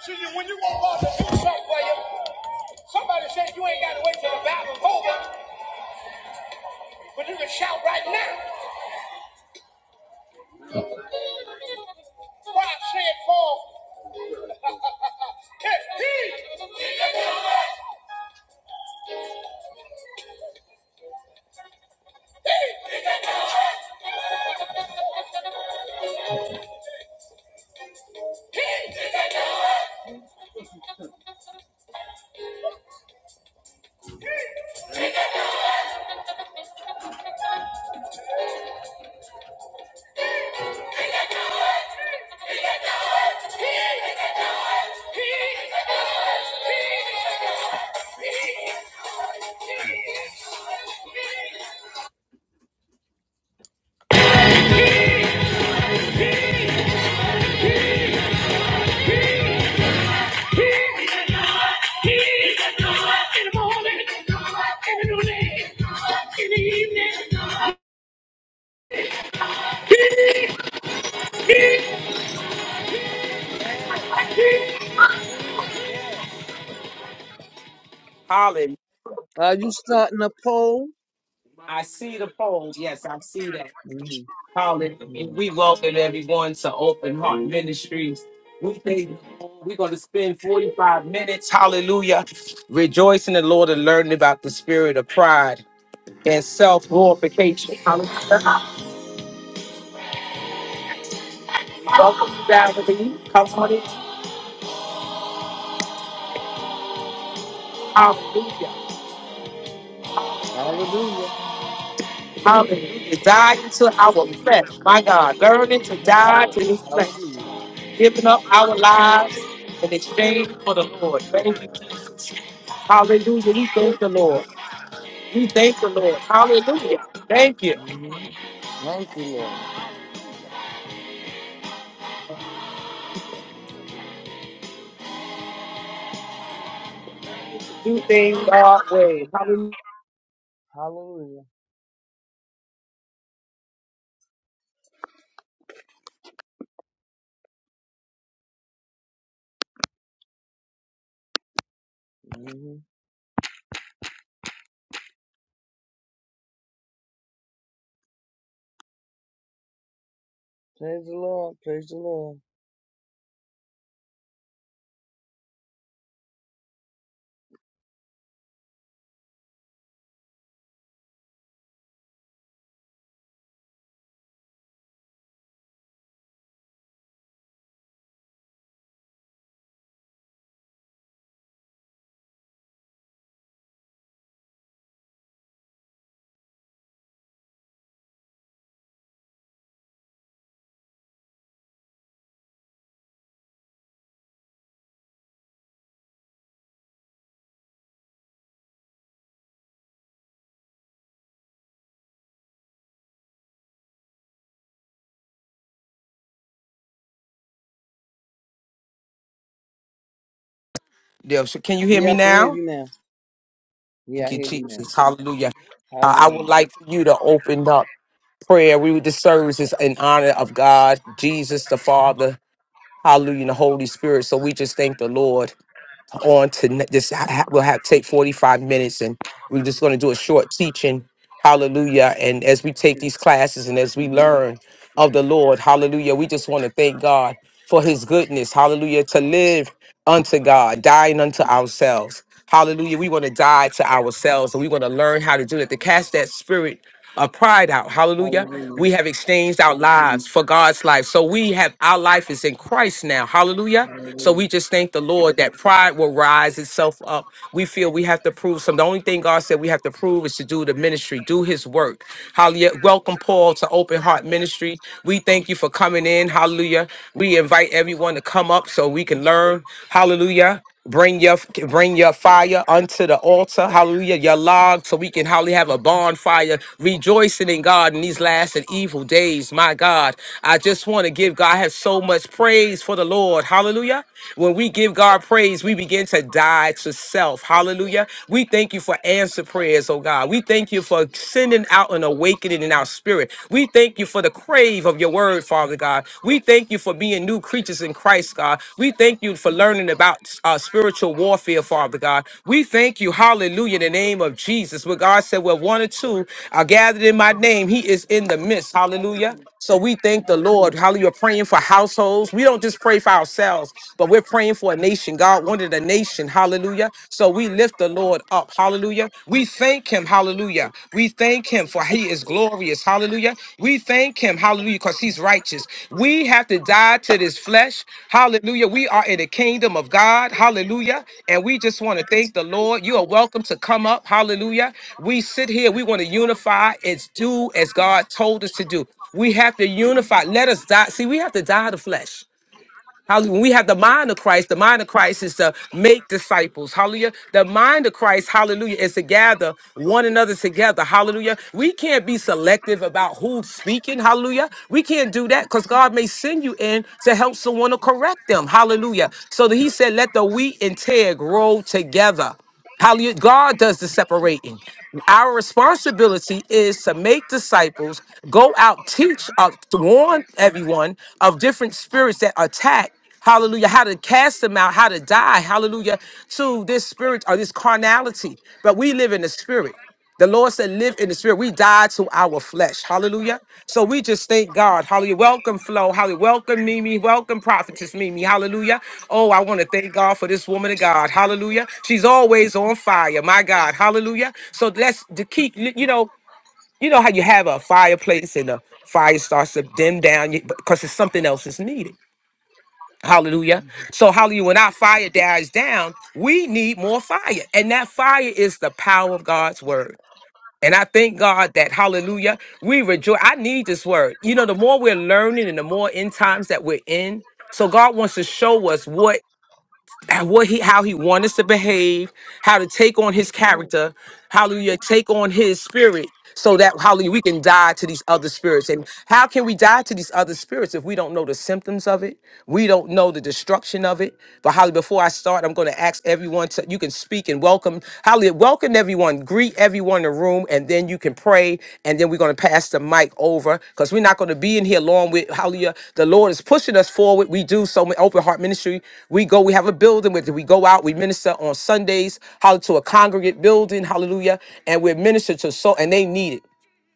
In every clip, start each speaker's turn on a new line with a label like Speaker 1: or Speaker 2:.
Speaker 1: See, when you want God to do something for you, somebody said you ain't got to wait till the battle's over, but you can shout right now. So I say it forth. In Hallelujah.
Speaker 2: Are you starting a poll?
Speaker 1: I see the polls. Yes, I see that.
Speaker 2: hmm
Speaker 1: Hallelujah.
Speaker 2: hmm
Speaker 1: We welcome everyone to Open Heart Ministries. We think we're going to spend 45 minutes, hallelujah, rejoicing in the Lord and learning about the spirit of pride and self glorification. Welcome to Galilee. Come on in. Hallelujah.
Speaker 2: Hallelujah.
Speaker 1: Hallelujah. Dying to our flesh. My God. Learning to
Speaker 2: Yes,
Speaker 1: die
Speaker 2: Lord.
Speaker 1: to this flesh.
Speaker 2: Hallelujah.
Speaker 1: Giving up our lives in exchange for the Lord. Thank you, Jesus. Hallelujah. We thank the Lord. We thank the Lord. Hallelujah. Thank you.
Speaker 2: hmm Thank you, Lord.
Speaker 1: Do things our way. Hallelujah.
Speaker 2: Hallelujah. hmm Praise the Lord. Praise the Lord.
Speaker 1: Yeah, so Can you hear
Speaker 2: Yeah,
Speaker 1: me
Speaker 2: I can hear
Speaker 1: now?
Speaker 2: you now. Yeah,
Speaker 1: Thank
Speaker 2: I
Speaker 1: you,
Speaker 2: hear you now.
Speaker 1: Jesus. Hallelujah. Uh, I would
Speaker 2: Hallelujah.
Speaker 1: like for you to open up prayer. We would the services in honor of God, Jesus the Father. Hallelujah, and the Holy Spirit. So we just thank the Lord on to ne- this. ha- ha- We'll have take 45 minutes and we're just going to do a short teaching. Hallelujah. And as we take these classes and as we learn of the Lord, hallelujah, we just want to thank God for his goodness. Hallelujah. To live unto God, dying unto ourselves. Hallelujah. We want to die to ourselves and we want to learn how to do that, to cast that spirit of pride out. Hallelujah. We
Speaker 2: Hallelujah.
Speaker 1: have exchanged our lives for God's life. So we have our life is in Christ now. Hallelujah. So
Speaker 2: Hallelujah.
Speaker 1: we just thank the Lord that pride will rise itself up. We feel we have to prove some. The only thing God said we have to prove is to do the ministry, do his work. Hallelujah. Welcome, Paul, to Open Heart Ministry. We thank you you for coming in. Hallelujah. We invite everyone to come up so we can learn. Hallelujah. Bring your bring your fire unto the altar. Hallelujah. Your log so we can hallelujah have a bonfire rejoicing in God in these last and evil days. My God, I just want to give God I have so much praise for the Lord. Hallelujah. When we give God praise, we begin to die to self. Hallelujah. We thank you for answer prayers, oh God. We thank you for for sending out an awakening in our spirit. We thank you for the crave of your word, Father God. We thank you for being new creatures in Christ, God. We thank you for learning about uh, spiritual warfare, Father God. We thank you, hallelujah, in the name of Jesus. Where God said, Well, one or two are gathered in my name, He is in the midst. Hallelujah.
Speaker 2: Hallelujah.
Speaker 1: So we thank the Lord. Hallelujah. Praying for households. We don't just pray for ourselves, but we're praying for a nation. God wanted a nation. Hallelujah. So we lift the Lord up. Hallelujah. We thank him. Hallelujah. We thank him for he is glorious. Hallelujah. We thank him. Hallelujah. Because he's righteous. We have to die to this flesh. Hallelujah. We are in the kingdom of God. Hallelujah. And we just want to thank the Lord. You are welcome to come up. Hallelujah. We sit here. We want to unify as do as God told us to do. We have to unify. Let us die. See, we have to die to flesh. Hallelujah. When we have the mind of Christ, the mind of Christ is to make disciples. Hallelujah. The mind of Christ, hallelujah, is to gather one another together. Hallelujah. We can't be selective about who's speaking. Hallelujah. We can't do that because God may send you in to help someone to correct them. Hallelujah. So that he said, let the wheat and tear grow together. How you- God does the separating. Our responsibility is to make disciples, go out, teach, uh, to warn everyone of different spirits that attack. Hallelujah. How to cast them out, how to die. Hallelujah. To this spirit or this carnality. But we live in the spirit. The Lord said, live in the spirit. We die to our flesh. Hallelujah. So we just thank God. Hallelujah. Welcome, Flo. Hallelujah. Welcome, Mimi. Welcome, Prophetess Mimi. Hallelujah. Oh, I want to thank God for this woman of God. Hallelujah. She's always on fire. My God. Hallelujah. So let's to keep, you know, you know how you have a fireplace and the fire starts to dim down because it's something else is needed. Hallelujah. So, hallelujah, when our fire dies down, we need more fire. And that fire is the power of God's word. And I thank God that, hallelujah, we rejoice. I need this word. You know, the more we're learning and the more end times that we're in, so God wants to show us what what he how he wants us to behave, how to take on his
Speaker 2: All
Speaker 1: character, hallelujah, take on his spirit so that hallelujah we can die to these other spirits. And how can we die to these other spirits if we don't know the symptoms of it? We don't know the destruction of it. But hallelujah, before I start, I'm going to ask everyone to you can speak and welcome. Hallelujah. Julia, welcome everyone. Greet everyone in the room, and then you can pray. And then we're going to pass the mic over because we're not going to be in here long with Hallelujah. The Lord is pushing us forward. We do so many open heart ministry. We go, we have a building with it. We go out, we minister on Sundays, how to a congregate building, hallelujah. And we minister to so and they need it.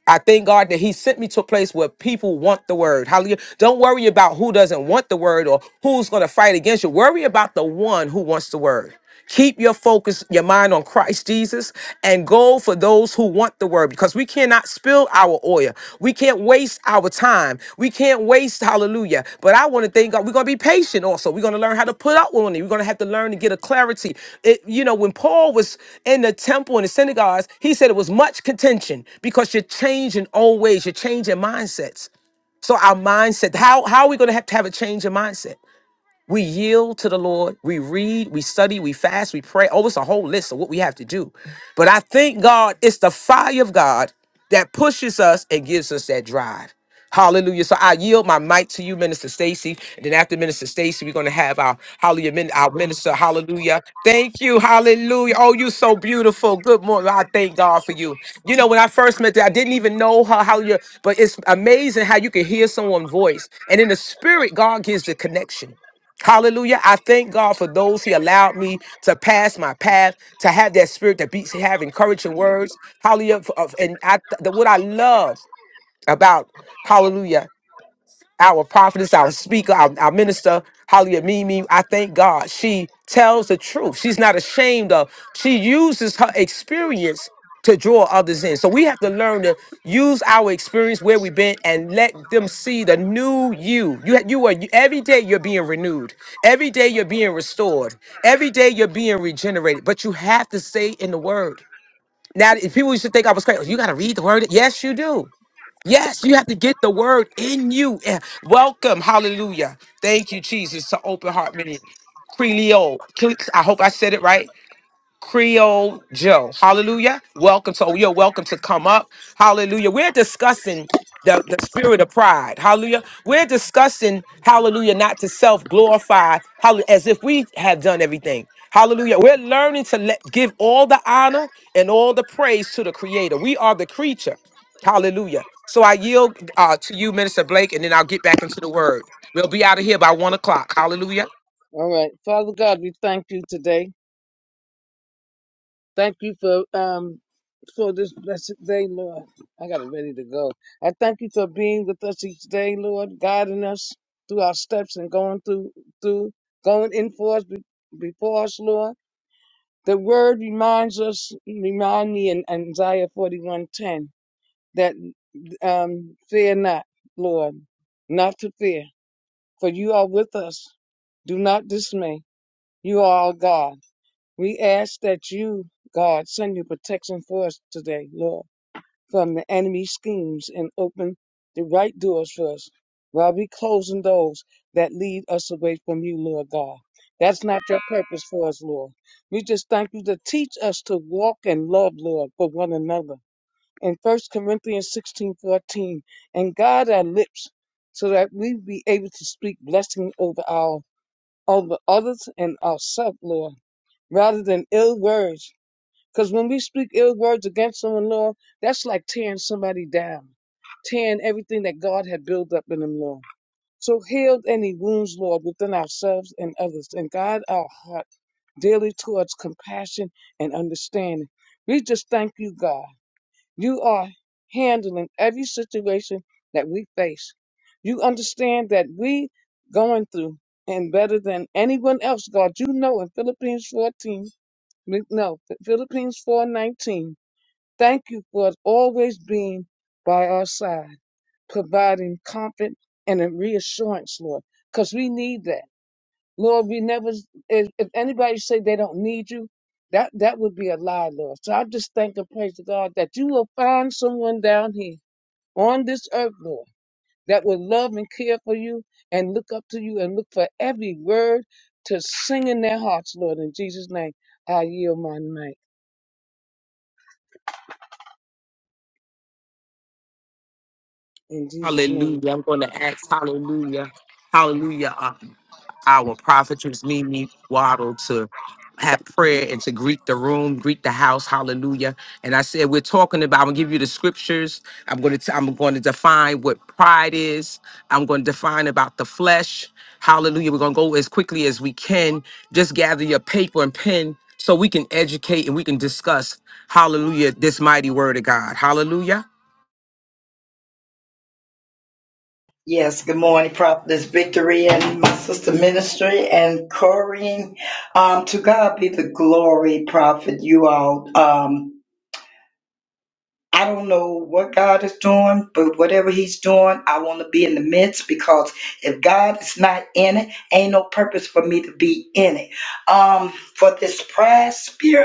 Speaker 1: I thank God that He sent me to a place where people want the word. Hallelujah. Don't worry about who doesn't want the word or who's going to fight against you. Worry about the one who wants the word. Keep your focus, your mind on Christ Jesus, and go for those who want the word because we cannot spill our oil. We we can't waste our time. We can't waste, hallelujah. But I want to thank God. We're going to be patient also. We're going to learn how to put up with it. We're going to have to learn to get a clarity. It, you know, when Paul was in the temple and the synagogues, he said it was much contention because you're changing old ways, you're changing mindsets. So our mindset, how, how are we going to have to have a change in mindset? We yield to the Lord. We read, we study, we fast, we pray. Oh, it's a whole list of what we have to do. But I thank God it's the fire of God that pushes us and gives us that drive. Hallelujah. So I yield my mic to you, Minister Stacy. And then after Minister Stacy, we're going to have our hallelujah, min- our minister. Hallelujah. Thank you. Hallelujah. Oh, you so beautiful. Good morning. I thank God for you. You know, when I first met her, I didn't even know her. Hallelujah. But it's amazing how you can hear someone's voice. And in the spirit, God gives the connection. Hallelujah. I thank God for those He allowed me to pass my path, to have that spirit that beats, have encouraging words. Hallelujah. Of- of- And I, the, what I love about, hallelujah our prophetess, our speaker, our, our minister, Holly Mimi. I thank God. She tells the truth. She's not ashamed of. She uses her experience to draw others in. So we have to learn to use our experience where we've been and let them see the new you. You you are every day you're being renewed. Every day you're being restored. Every day you're being regenerated. But you have to stay in the word. Now if people used to think I was crazy. "Oh, You gotta read the word. Yes, you do. Yes, you have to get the word in you. Eh, Welcome. Hallelujah. Thank you, Jesus, to Open Heart Minute. Creole. Cle- I hope I said it right. Creole Joe. Hallelujah. Welcome. So you're welcome to come up. Hallelujah. We're discussing the, the spirit of pride. Hallelujah. We're discussing, hallelujah, not to self glorify hall- as if we have done everything. Hallelujah. We're learning to let, give all the honor and all the praise to the creator. We are the creature. Hallelujah. So I yield uh, to you, Minister Blake, and then I'll get back into the word. We'll be out of here by one o'clock. Hallelujah.
Speaker 2: right. Father God, we thank you today. Thank you for um for this blessed day, Lord. I got it ready to go. I thank you for being with us each day, Lord, guiding us through our steps and going through through going in for us be- before us, Lord. The word reminds us, remind me in Isaiah forty one ten that um fear not, Lord, not to fear, for you are with us. Do not dismay. You are our God. We ask that you, God, send your protection for us today, Lord, from the enemy's schemes and open the right doors for us while we closing those that lead us away from you, Lord God. That's not your purpose for us, Lord. We just thank you to teach us to walk in love, Lord, for one another. In First Corinthians 16 14, and guard our lips so that we be able to speak blessing over our over others and ourselves, Lord, rather than ill words because when we speak ill words against someone, Lord, that's like tearing somebody down, tearing everything that God had built up in them, Lord. So heal any wounds, Lord, within ourselves and others, and guide our heart daily towards compassion and understanding. We just thank you, God. You are handling every situation that we face. You understand that we going through and better than anyone else, God. You know in Philippines 14, no, Philippines 4:19. Thank you for always being by our side, providing comfort and a reassurance, Lord, because we need that. Lord, we never, if, if anybody say they don't need you, that, that would be a lie, Lord. So I just thank and praise to God that you will find someone down here on this earth, Lord, that will love and care for you and look up to you and look for every word to sing in their hearts, Lord. In Jesus' name, I yield my mic. In Jesus' name.
Speaker 1: Hallelujah. I'm going to ask, hallelujah, hallelujah, uh, our prophetess Mimi Waddle to have prayer and to greet the room, greet the house, hallelujah. And I said, we're talking about, I'm going to give you the scriptures. I'm going to, t- I'm going to define what pride is. I'm going to define about the flesh. Hallelujah. We're going to go as quickly as we can. Just gather your paper and pen so we can educate and we can discuss, hallelujah, this mighty word of God. Hallelujah.
Speaker 3: Yes, good morning, Prophetess Victory and my sister ministry and Corrine. Um, to God be the glory, Prophet, you all. Um, I don't know what God is doing, but whatever He's doing, I want to be in the midst because if God is not in it, ain't no purpose for me to be in it. Um, for this pride spirit.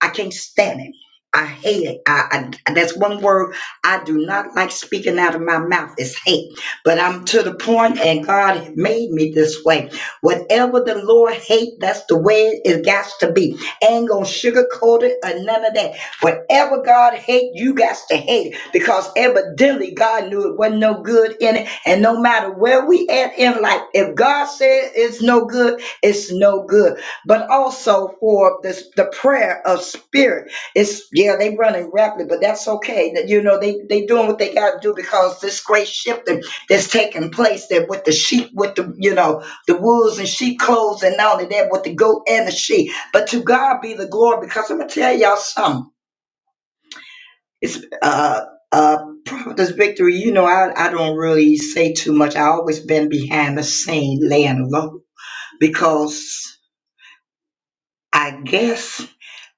Speaker 3: I can't stand it. I hate it. I, I that's one word I do not like speaking out of my mouth is hate. But I'm to the point, and God made me this way. Whatever the Lord hate, that's the way it got to be. Ain't gonna sugarcoat it or none of that. Whatever God hate, you got to hate it because evidently God knew it wasn't no good in it. And no matter where we at in life, if God said it's no good, it's no good but also for this the prayer of spirit. It's yeah, they running rapidly, but that's okay. That you know they they doing what they got to do because this great shifting that's taking place that with the sheep, with the you know the wolves and sheep clothes, and not only that with the goat and the sheep. But to God be the glory, because I'm gonna tell y'all something. It's uh uh prophetess victory. You know I I don't really say too much. I always been behind the scene laying low because I guess.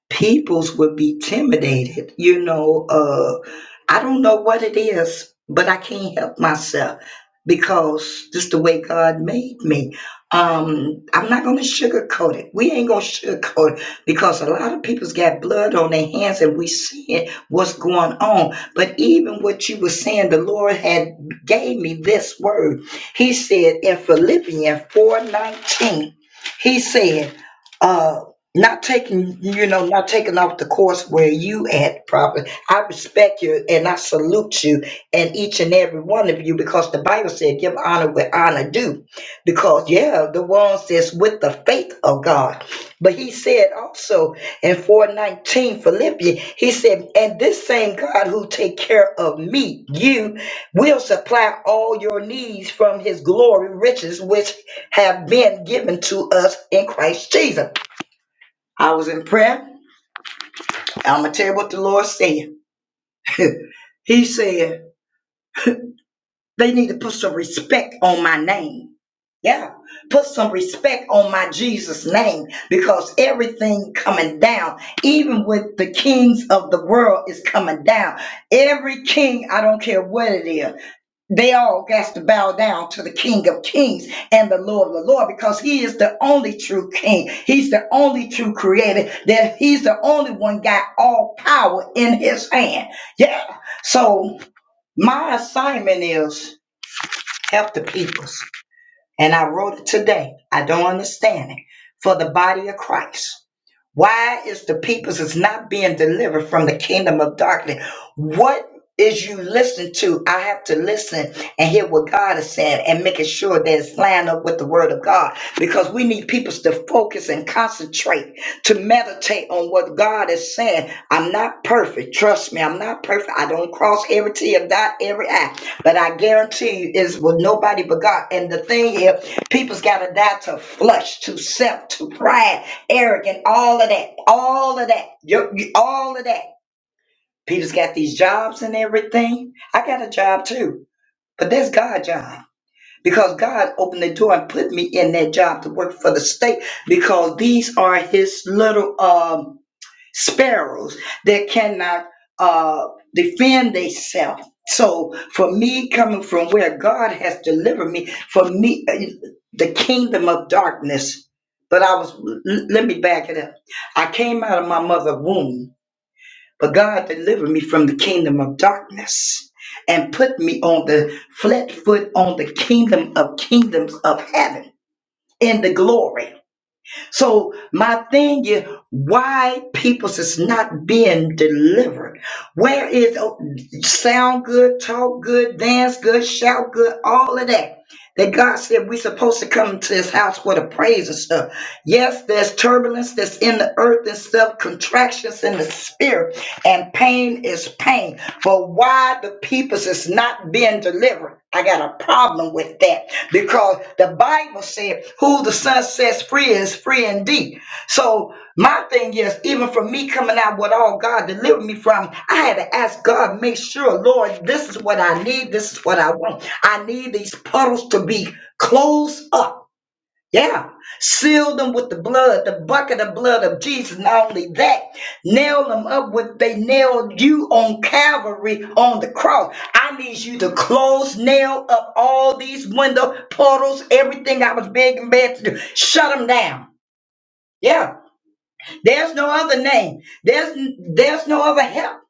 Speaker 3: peoples would be intimidated. You know, uh, I don't know what it is, but I can't help myself because just the way God made me. Um, I'm not gonna sugarcoat it. We ain't gonna sugarcoat it because a lot of people's got blood on their hands and we seeing what's going on. But even what you were saying, the Lord had gave me this word. He said in Philippians 4:19, he said, "Uh." not taking you know not taking off the course where you at probably i respect you and i salute you and each and every one of you because the bible said give honor where honor due because yeah the one says with the faith of god but he said also in 419 philippians he said and this same god who take care of me you will supply all your needs from his glory riches which have been given to us in christ jesus I was in prayer. I'm gonna tell you what the Lord said. he said they need to put some respect on my name. Yeah, put some respect on my Jesus name because everything coming down, even with the kings of the world, is coming down. Every king, I don't care what it is. They all got to bow down to the King of Kings and the Lord of the Lord because He is the only true King. He's the only true Creator. That He's the only one got all power in His hand. Yeah. So my assignment is help the people. And I wrote it today. I don't understand it. For the body of Christ. Why is the peoples is not being delivered from the kingdom of darkness? What is you listening to? I have to listen and hear what God is saying and making sure that it's lined up with the word of God because we need peoples to focus and concentrate to meditate on what God is saying. I'm not perfect. Trust me, I'm not perfect. I don't cross every T and dot every I. But I guarantee you, it's with nobody but God. And the thing is, people's got to die to flush, to self, to pride, arrogant, all of that, all of that, You- you- all of that. People's got these jobs and everything. I got a job too, but that's God's job because God opened the door and put me in that job to work for the state because these are His little um sparrows that cannot uh, defend themselves. So for me, coming from where God has delivered me, for me, uh, the kingdom of darkness. But I was, l- let me back it up. I came out of my mother's womb, but God delivered me from the kingdom of darkness and put me on the flat foot on the kingdom of kingdoms of heaven in the glory. So my thing is why peoples is not being delivered. Where is oh, sound good, talk good, dance good, shout good, all of that. That God said we're supposed to come to his house for the praise and stuff. Yes, there's turbulence that's in the earth and stuff, contractions in the spirit, and pain is pain. But why the peoples is not being delivered? I got a problem with that because because the Bible said, Who the Son sets free is free indeed. So, my thing is, even for me coming out with all God delivered me from, I had to ask God, make sure, Lord, this is what I need, this is what I want. I need these puddles to be closed up. Yeah. Seal them with the blood, the bucket of blood of Jesus. Not only that, nail them up with they nailed you on Calvary on the cross. I need you to close, nail up all these window portals, everything I was begging bad to do. Shut them down. Yeah. There's no other name. There's there's no other help.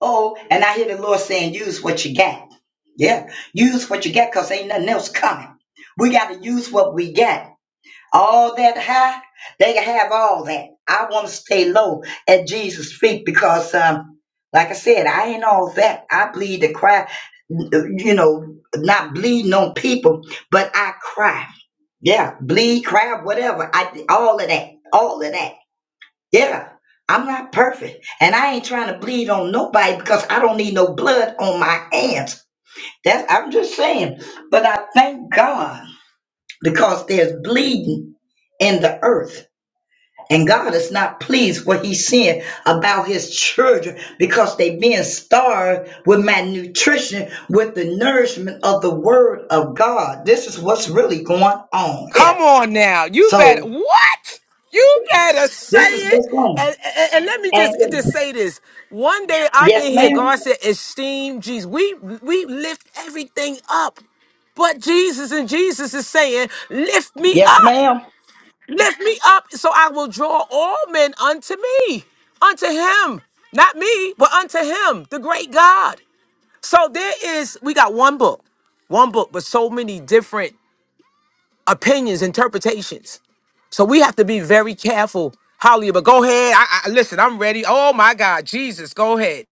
Speaker 3: Oh, and I hear the Lord saying, use what you got. Yeah. Use what you got because ain't nothing else coming. We got to use what we got all that high, they can have all that. I want to stay low at Jesus' feet because, um, like I said, I ain't all that. I bleed to cry, you know, not bleeding on people, but I cry. Yeah, bleed, cry, whatever. I all of that, all of that. Yeah, I'm not perfect, and I ain't trying to bleed on nobody because I don't need no blood on my hands. That's I'm just saying. But I thank God because there's bleeding in the earth. And God is not pleased what he's saying about his children because they being starved with malnutrition, with the nourishment of the word of God. This is what's really going on
Speaker 1: Come
Speaker 3: here.
Speaker 1: on now. You better
Speaker 3: So
Speaker 1: what? You better say
Speaker 3: this is
Speaker 1: it.
Speaker 3: what's going
Speaker 1: And, and, and let me
Speaker 3: on.
Speaker 1: just, just
Speaker 3: And
Speaker 1: say this. One day I've
Speaker 3: yes,
Speaker 1: been here,
Speaker 3: ma'am.
Speaker 1: God said, esteem Jesus. We we lift everything up. But Jesus and Jesus is saying, lift me
Speaker 3: Yes,
Speaker 1: up.
Speaker 3: ma'am.
Speaker 1: Lift me up so I will draw all men unto me, unto him. Not me, but unto him, the great God. So there is, we got one book one book, but so many different opinions, interpretations. So we have to be very careful. Hallelujah. But go ahead. I, I listen, I'm ready. Oh my God. Jesus, go ahead.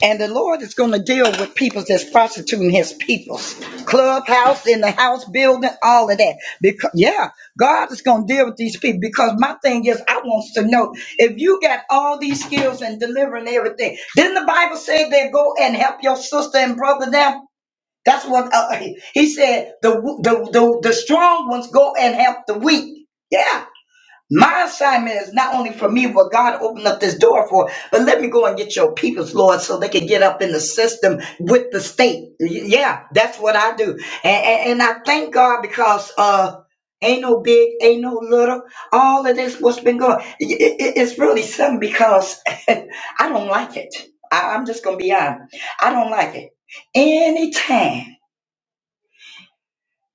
Speaker 3: And the Lord is going to deal with people that's prostituting his peoples. Clubhouse, in the house building, all of that. Because, yeah, God is going to deal with these people because my thing is, I want us to know if you got all these skills and delivering everything. Didn't the Bible say they go and help your sister and brother now? That's what uh, he said. The, the, the, the strong ones go and help the weak. Yeah. My assignment is not only for me, what God opened up this door for, but let me go and get your peoples, Lord, so they can get up in the system with the state. Y- Yeah, that's what I do. And, and, and I thank God because uh ain't no big, ain't no little. All of this, what's been going, i- i- it's really something because I don't like it. I, I'm just going to be honest. I don't like it. Anytime,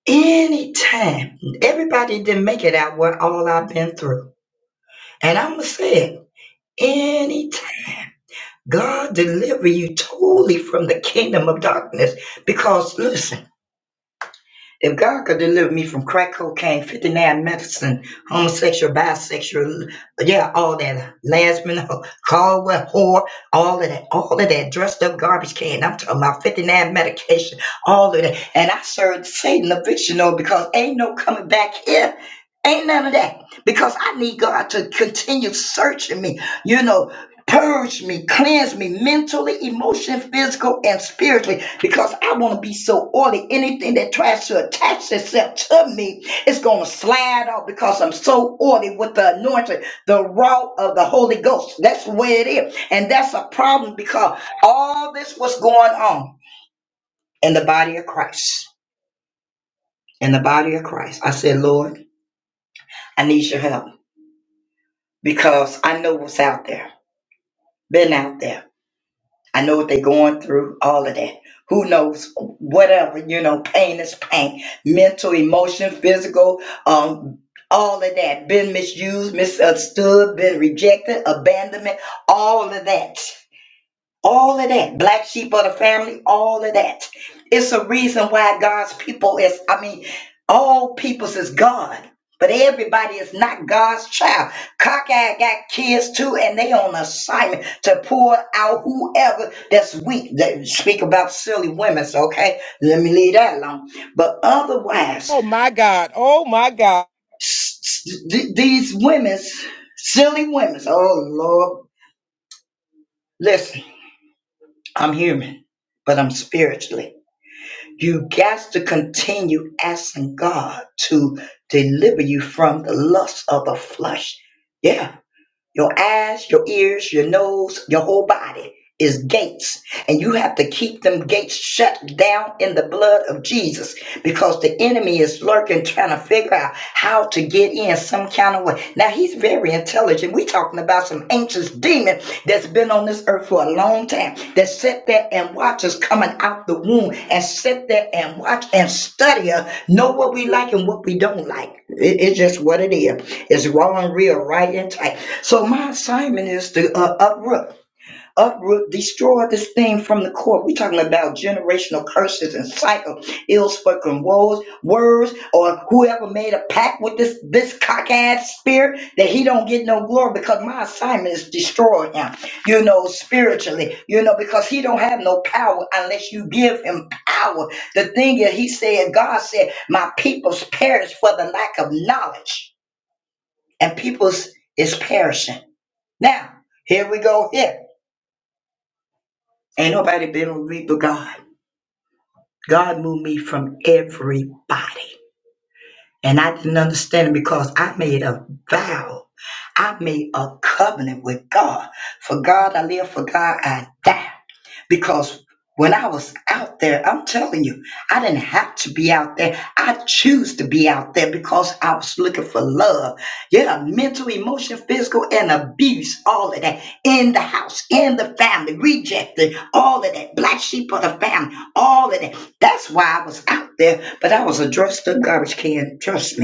Speaker 3: anytime, everybody didn't make it out what all I've been through. And I'm going to say it. Any time God deliver you totally from the kingdom of darkness. Because listen, if God could deliver me from crack cocaine, 59 medicine, homosexual, bisexual, yeah, all that last minute Caldwell whore, all of that, all of that dressed up garbage can. I'm talking about 59 medication, all of that. And I served Satan a fictional because ain't no coming back here. Ain't none of that. Because I need God to continue searching me. You know, purge me, cleanse me mentally, emotionally, physical, and spiritually because I want to be so oily. Anything that tries to attach itself to me is going to slide off because I'm so oily with the anointing, the raw of the Holy Ghost. That's where it is. And that's a problem because all this was going on in the body of Christ. In the body of Christ. I said, Lord, I need your help because I know what's out there. Been out there I know what they're going through, all of that. Who knows? Whatever, you know, pain is pain. Mental, emotion, physical, um, all of that. Been misused, misunderstood, been rejected, abandonment, all of that. All of that, black sheep of the family, all of that. It's a reason why God's people is, I mean, all peoples is God, but everybody is not God's child. Cockeye got kids too, and they on assignment to pour out whoever that's weak. They speak about silly women, so okay, let me leave that alone. But otherwise,
Speaker 1: Oh my God. Oh my God.
Speaker 3: s- s- th- these women's, silly women's, oh Lord, listen, I'm human, but I'm spiritually. You got to continue asking God to deliver you from the lust of the flesh. Yeah your eyes, your ears, your nose, your whole body is gates. And you have to keep them gates shut down in the blood of Jesus because the enemy is lurking trying to figure out how to get in some kind of way. Now he's very intelligent. We're talking about some ancient demon that's been on this earth for a long time that sit there and watch us coming out the womb and sit there and watch and study us, know what we like and what we don't like. It- it's just what it is. It's raw and real, right and tight. So my assignment is to uh, uproot, uproot, destroy this thing from the core. We're talking about generational curses and cycle ills, fucking woes, words, or whoever made a pact with this this cock-ass spirit that he don't get no glory because my assignment is destroy him. You know, spiritually, you know, because he don't have no power unless you give him power. The thing is, he said, God said, my people's perish for the lack of knowledge, and people's is perishing. Now, here we go here. Ain't nobody been with me but God. God moved me from everybody. And I didn't understand it because I made a vow. I made a covenant with God. For God I live, for God I die. because when I was out there, I'm telling you, I didn't have to be out there. I choose to be out there because I was looking for love. Yeah, mental, emotional, physical, and abuse, all of that in the house, in the family, rejected, all of that, black sheep of the family, all of that. That's why I was out there, but I was a dressed up garbage can, trust me.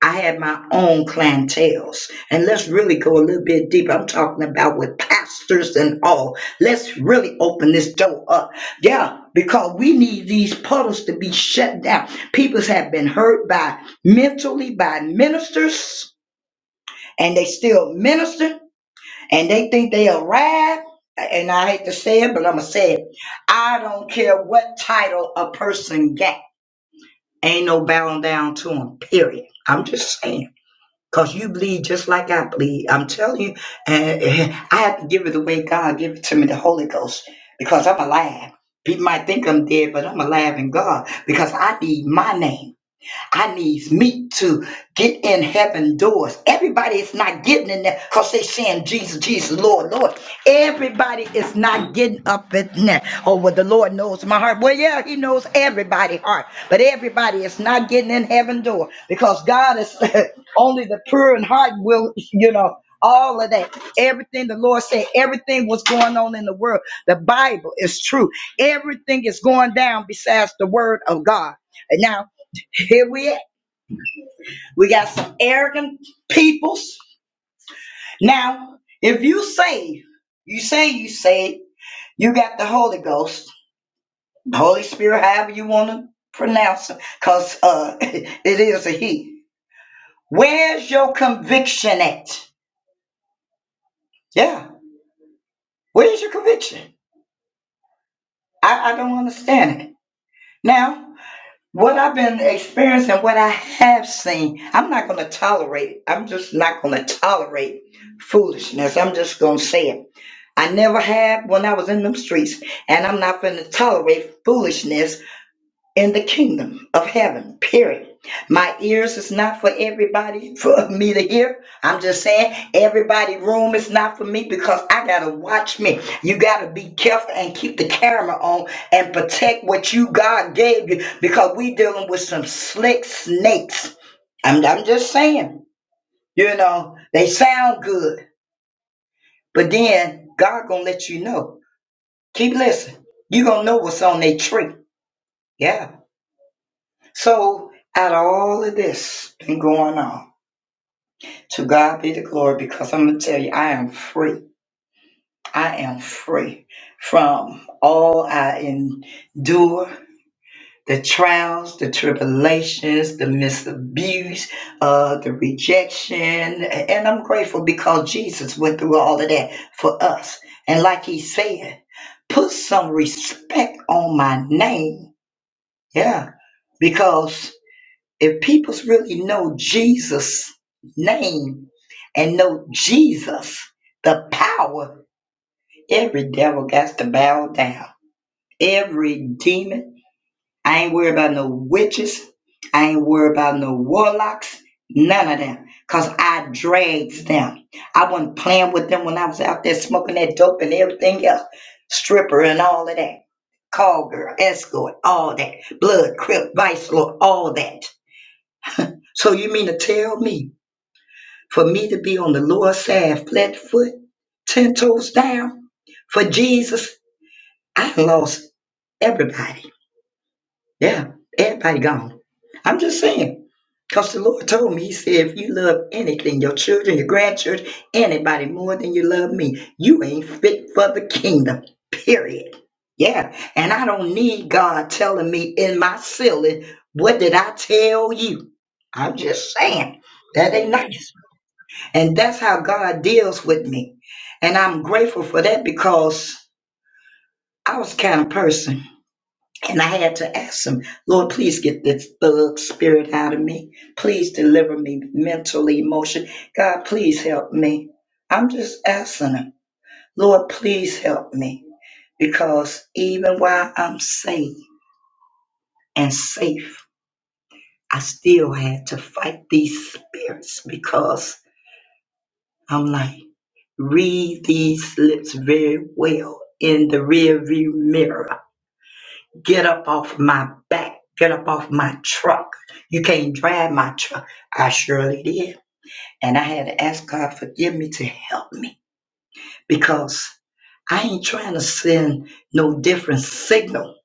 Speaker 3: I had my own clientels. And let's really go a little bit deeper. I'm talking about with pastors and all. Let's really open this door up. Yeah, because we need these puddles to be shut down. People have been hurt by mentally by ministers, and they still minister, and they think they arrived. And I hate to say it, but I'm going to say it. I don't care what title a person got. Ain't no bowing down to them, period. I'm just saying. Cause you bleed just like I bleed. I'm telling you, and and I have to give it the way God give it to me, the Holy Ghost, because I'm alive. People might think I'm dead, but I'm alive in God because I need my name. I needs me to get in heaven doors. Everybody is not getting in there because they saying Jesus, Jesus, Lord, Lord. Everybody is not getting up in there. Oh, well, the Lord knows my heart. Well, yeah, he knows everybody heart. But everybody is not getting in heaven door because God is only the pure in heart will, you know, all of that. Everything the Lord said, everything was going on in the world. The Bible is true. Everything is going down besides the word of God. And now here we at. We got some arrogant peoples. Now, if you say, you say you say you got the Holy Ghost, the Holy Spirit, however you want to pronounce it, because uh, it is a he. Where's your conviction at? Yeah, where's your conviction? I, I don't understand it. Now, what I've been experiencing, what I have seen, I'm not going to tolerate. it. I'm just not going to tolerate foolishness. I'm just going to say it. I never had when I was in them streets, and I'm not going to tolerate foolishness in the kingdom of heaven, period. My ears is not for everybody for me to hear. I'm just saying everybody room is not for me because I gotta watch me. You gotta be careful and keep the camera on and protect what you God gave you because we dealing with some slick snakes. I'm, I'm just saying, you know, they sound good, but then God gonna let you know. Keep listening. You're going to know what's on their tree. Yeah. So, out of all of this been going on, to God be the glory because I'm going to tell you, I am free. I am free from all I endure the trials, the tribulations, the misabuse, uh, the rejection. And I'm grateful because Jesus went through all of that for us. And like he said, put some respect on my name. Yeah Because if people really know Jesus' name and know Jesus, the power, every devil has to bow down. Every demon. I ain't worried about no witches. I ain't worried about no warlocks. None of them. Because I dragged them. I wasn't playing with them when I was out there smoking that dope and everything else. Stripper and all of that. Call girl, escort, all that. Blood, crip, vice lord, all that. So you mean to tell me for me to be on the lower side, flat foot, ten toes down for Jesus? I lost everybody. Yeah, everybody gone. I'm just saying. Because the Lord told me, He said, if you love anything, your children, your grandchildren, anybody more than you love me, you ain't fit for the kingdom. Period. Yeah. And I don't need God telling me in my ceiling, what did I tell you? I'm just saying. That ain't
Speaker 2: Amen.
Speaker 3: nice. And that's how God deals with me. And I'm grateful for that because I was the kind of person. And I had to ask him, Lord, please get this thug spirit out of me. Please deliver me mentally, emotionally. God, please help me. I'm just asking him, Lord, please help me. Because even while I'm safe and safe, I still had to fight these spirits because I'm like, Read these lips very well in the rearview mirror. Get up off my back. Get up off my truck. You can't drive my truck. I surely did. And I had to ask God forgive me to help me because I ain't trying to send no different signal.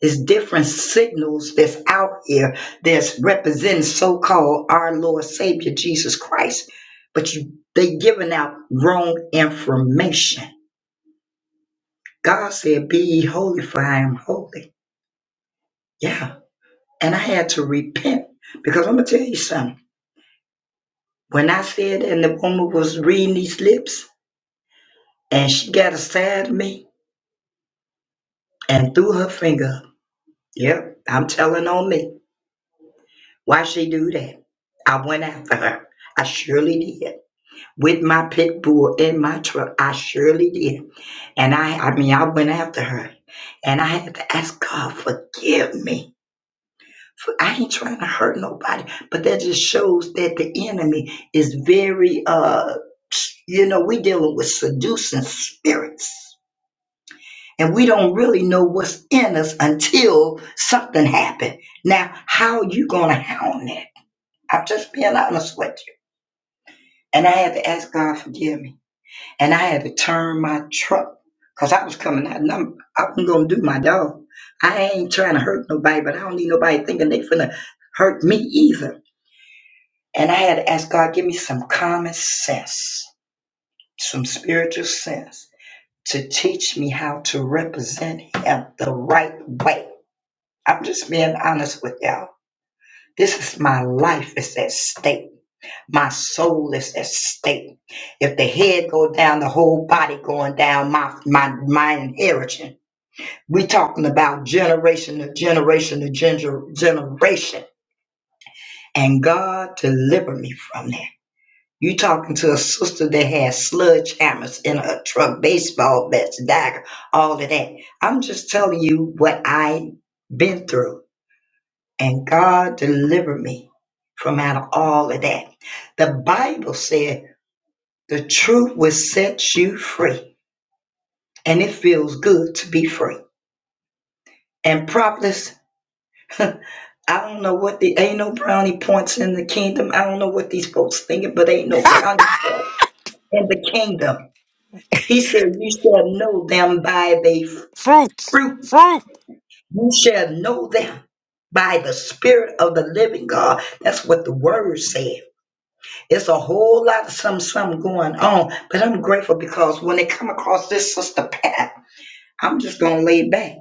Speaker 3: It's different signals that's out here that's representing so-called our Lord Savior Jesus Christ. But you they giving out wrong information God said, Be ye holy, for I am holy. Yeah. And I had to repent because I'm going to tell you something. When I said, and the woman was reading these lips, and she got aside of me and threw her finger up. Yep, I'm telling on me. Why she do that? I went after her. I surely did. With my pit bull in my truck, I surely did. And I, I mean, I went after her. And I had to ask God, forgive me I ain't trying to hurt nobody, but that just shows that the enemy is very, uh, you know, we dealing with seducing spirits, and we don't really know what's in us until something happened. Now, how are you gonna hound that? I'm just being honest with you, and I had to ask God forgive me, and I had to turn my truck because I was coming out, and I'm, I wasn't gonna do my dog. I ain't trying to hurt nobody, but I don't need nobody thinking they finna hurt me either. And I had to ask God, give me some common sense, some spiritual sense to teach me how to represent Him the right way. I'm just being honest with y'all. This is my life is at stake. My soul is at stake. If the head go down, the whole body going down, my my my inheritance. We talking about generation to generation to gener- generation. And God deliver me from that. You talking to a sister that has sledgehammers in her truck, baseball bats, dagger, all of that. I'm just telling you what I been through. And God delivered me from out of all of that. The Bible said the truth will set you free. And it feels good to be free. And prophets, I don't know what the ain't no brownie points in the kingdom. I don't know what these folks thinking, but ain't no brownie points in the kingdom. He said, You shall know them by their
Speaker 1: Fruit.
Speaker 3: fruit.
Speaker 1: Fruit.
Speaker 3: You shall know them by the Spirit of the living God. That's what the word said. It's a whole lot of some something going on. But I'm grateful because when they come across this sister Pat, I'm just gonna lay back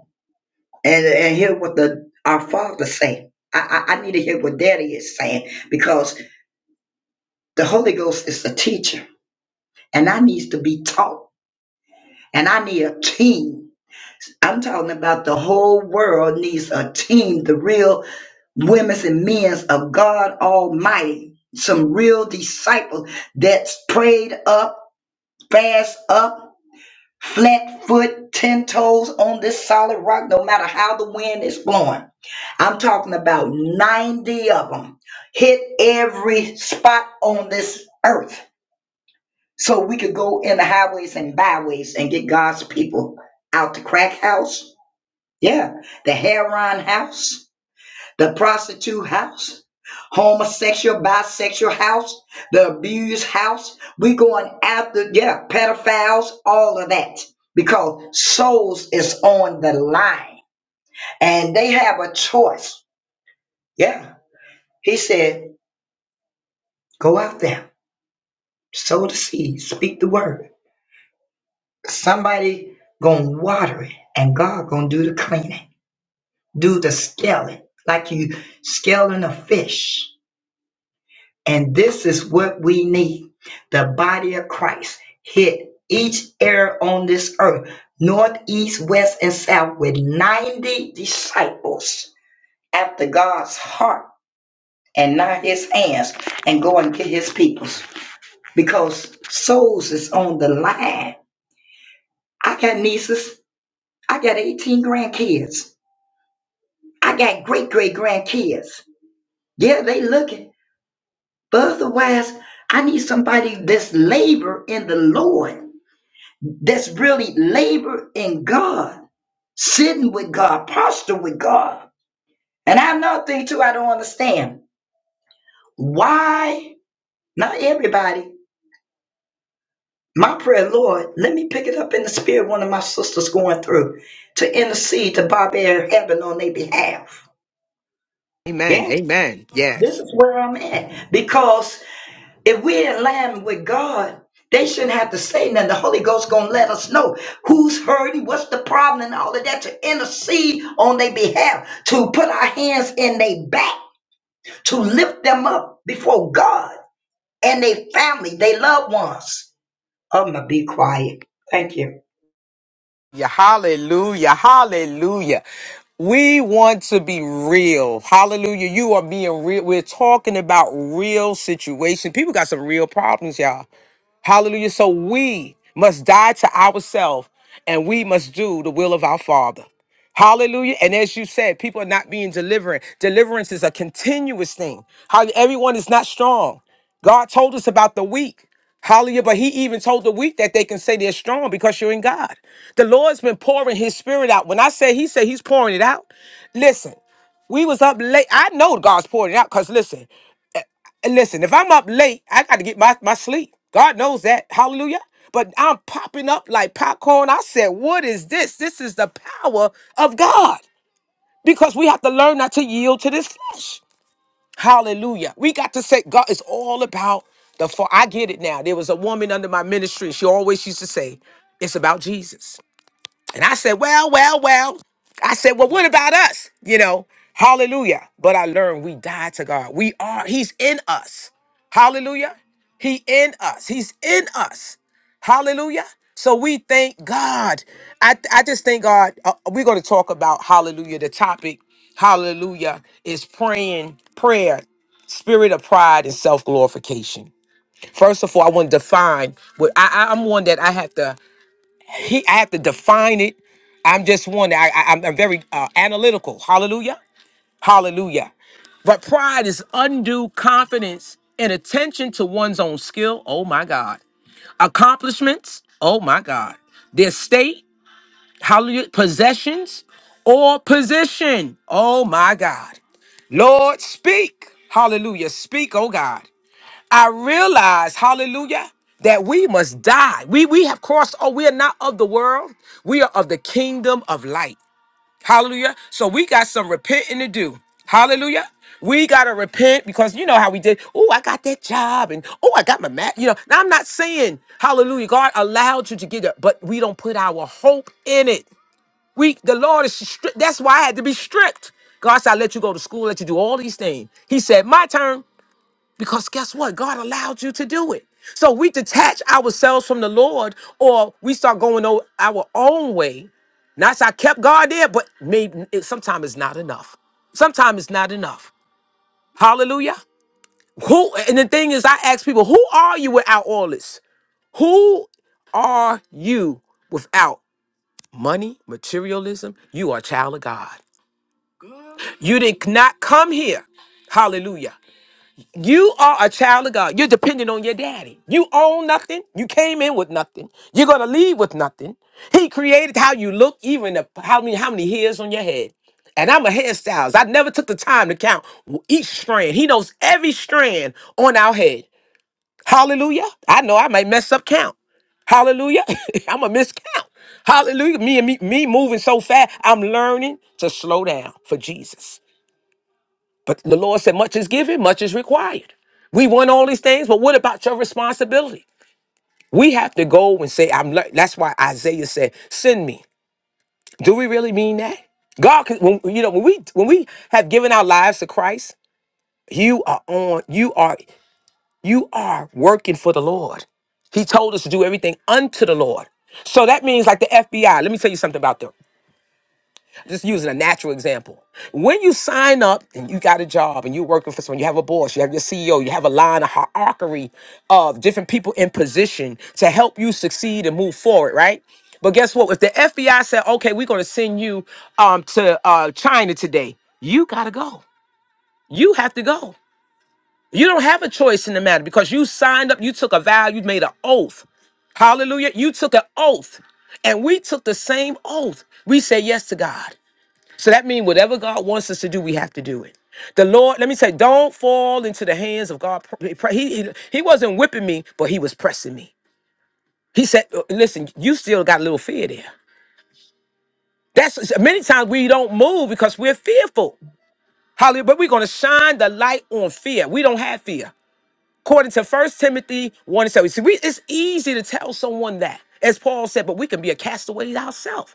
Speaker 3: and, and hear what the our father say. I, I, I need to hear what daddy is saying because the Holy Ghost is the teacher and I needs to be taught and I need a team I'm talking about the whole world needs a team, the real women's and men's of God Almighty, some real disciples that's prayed up, fast up, flat foot, ten toes on this solid rock, no matter how the wind is blowing. I'm talking about 90 of them hit every spot on this earth so we could go in the highways and byways and get God's people out the crack house Yeah, the Heron house, the prostitute house, homosexual, bisexual house, the abused house. We going after, yeah, pedophiles, all of that. Because souls is on the line and they have a choice. Yeah. He said, go out there, sow the seed, speak the word. Somebody gonna water it and God gonna do the cleaning, do the scaling, like you scaling a fish And this is what we need. The body of Christ hit each area on this earth, north, east, west, and south, with 90 disciples after God's heart and not his hands, and go and get his peoples. Because souls is on the line. I got nieces. I got 18 grandkids. I got great great grandkids. Yeah, they looking. But otherwise, I need somebody that's labor in the Lord that's really labor in God, sitting with God, posture with God. And I have another thing too, I don't understand. Why not everybody? My prayer, Lord, let me pick it up in the spirit one of my sisters going through to intercede to barbarian heaven on their behalf.
Speaker 1: Amen.
Speaker 3: Yeah,
Speaker 1: Amen. yes.
Speaker 3: this is where I'm at. Because If we're in line with God, they shouldn't have to say nothing. The Holy Ghost gonna let us know who's hurting, what's the problem, and all of that to intercede on their behalf, to put our hands in their back, to lift them up before God and their family, their loved ones. I'm gonna be quiet. Thank you.
Speaker 1: Yeah, hallelujah, hallelujah. We want to be real. Hallelujah. You are being real. We're talking about real situation. People got some real problems, y'all. Hallelujah. So we must die to ourselves and we must do the will of our Father. Hallelujah. And as you said, people are not being deliverant. Deliverance is a continuous thing. How everyone is not strong. God told us about the weak. Hallelujah. But he even told the weak that they can say they're strong because you're in God. The Lord's been pouring his spirit out. When I say he said he's pouring it out, listen, we was up late. I know God's pouring it out because listen, and listen, if I'm up late, I got to get my, my sleep. God knows that. Hallelujah. But I'm popping up like popcorn. I said, what is this? This is the power of God because we have to learn not to yield to this flesh. Hallelujah. We got to say, God, it's all about the fall. I get it now. There was a woman under my ministry. She always used to say, it's about Jesus. And I said, well, well, well. I said, well, what about us? You know, hallelujah. But I learned we died to God. We are, He's in us. Hallelujah. He in us. He's in us. Hallelujah. So we thank God. I, I just thank God. Uh, we're going to talk about hallelujah. The topic, hallelujah, is praying, prayer, spirit of pride and self glorification. First of all, I want to define what I, I- I'm one that I have to. He, I have to define it. I'm just one that I, I, I'm, I'm very uh, analytical. Hallelujah. Hallelujah. But pride is undue confidence and attention to one's own skill. Oh my God. Accomplishments. Oh my God. Their state. Hallelujah. Possessions or position. Oh my God. Lord, speak. Hallelujah. Speak, oh God. I realize, hallelujah, that we must die. We we have crossed, oh, we are not of the world. We are of the kingdom of light. Hallelujah. So we got some repenting to do. Hallelujah. We gotta repent because you know how we did. Oh, I got that job, and oh, I got my mat. You know, now I'm not saying hallelujah. God allowed you to get it, but we don't put our hope in it. We, the Lord is stripped. That's why I had to be stripped. God said, I let you go to school, let you do all these things. He said, My turn. Because guess what? God allowed you to do it. So we detach ourselves from the Lord or we start going o- our own way. Now, I kept God there, but maybe it, sometimes it's not enough. Sometimes it's not enough. Hallelujah. Who and the thing is, I ask people, who are you without all this? Who are you without money, materialism? You are a child of God. You did not come here. Hallelujah. You are a child of God. You're dependent on your daddy. You own nothing. You came in with nothing. You're gonna leave with nothing. He created how you look, even the, how many how many hairs on your head. And I'm a hairstylist. I never took the time to count each strand. He knows every strand on our head. Hallelujah. I know I might mess up count. Hallelujah. I'm a miscount. Hallelujah. Me and me, me moving so fast. I'm learning to slow down for Jesus. But the Lord said, much is given, much is required. We want all these things, but what about your responsibility? We have to go and say, I'm le- that's why Isaiah said, send me. Do we really mean that? God, can- when, you know, when we when we have given our lives to Christ, you are on, you are, you are working for the Lord. He told us to do everything unto the Lord. So that means like the FBI. Let me tell you something about them. just using a natural example. When you sign up and you got a job and you're working for someone, you have a boss, you have your CEO, you have a line, a hierarchy of different people in position to help you succeed and move forward, right? But guess what? If the FBI said, okay, we're going to send you um, to uh, China today, you got to go. You have to go. You don't have a choice in the matter because you signed up, you took a vow, you made an oath. Hallelujah. You took an oath. And we took the same oath. We said yes to God. So that means whatever God wants us to do, we have to do it. The Lord, let me say, don't fall into the hands of God. He, he, he wasn't whipping me, but he was pressing me. He said, uh, listen, you still got a little fear there. That's many times we don't move because we're fearful. Hallelujah. But we're going to shine the light on fear. We don't have fear. According to First Timothy 1 and 7. See, we, it's easy to tell someone that, as Paul said, but we can be a castaway ourselves.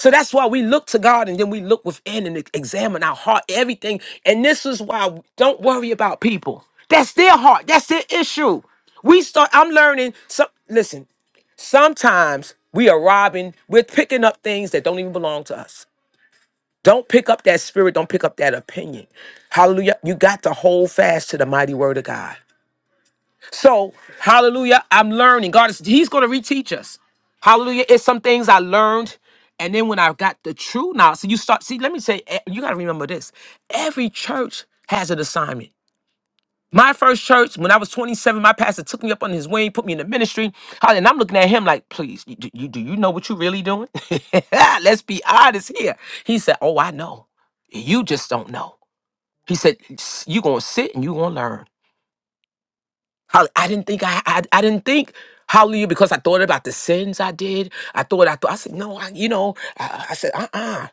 Speaker 1: So that's why we look to God and then we look within and examine our heart, everything. And this is why don't worry about people. That's their heart. That's their issue. We start, I'm learning. Some listen, sometimes we are robbing, we're picking up things that don't even belong to us. Don't pick up that spirit, don't pick up that opinion. Hallelujah. You got to hold fast to the mighty word of God. So, hallelujah, I'm learning. God is He's gonna reteach us. Hallelujah. It's some things I learned. And then when I got the true knowledge, so you start, see, let me say, eh, you gotta remember this. Every church has an assignment. My first church, when I was 27, my pastor took me up on his wing, put me in the ministry. Hallelujah. And I'm looking at him like, please, you, do, you, do you know what you're really doing? Let's be honest here. He said, Oh, I know. You just don't know. He said, You're gonna sit and you're gonna learn. Hall- I didn't think I, I I didn't think hallelujah because I thought about the sins I did. I thought I thought I said no, I, you know I, I said uh uh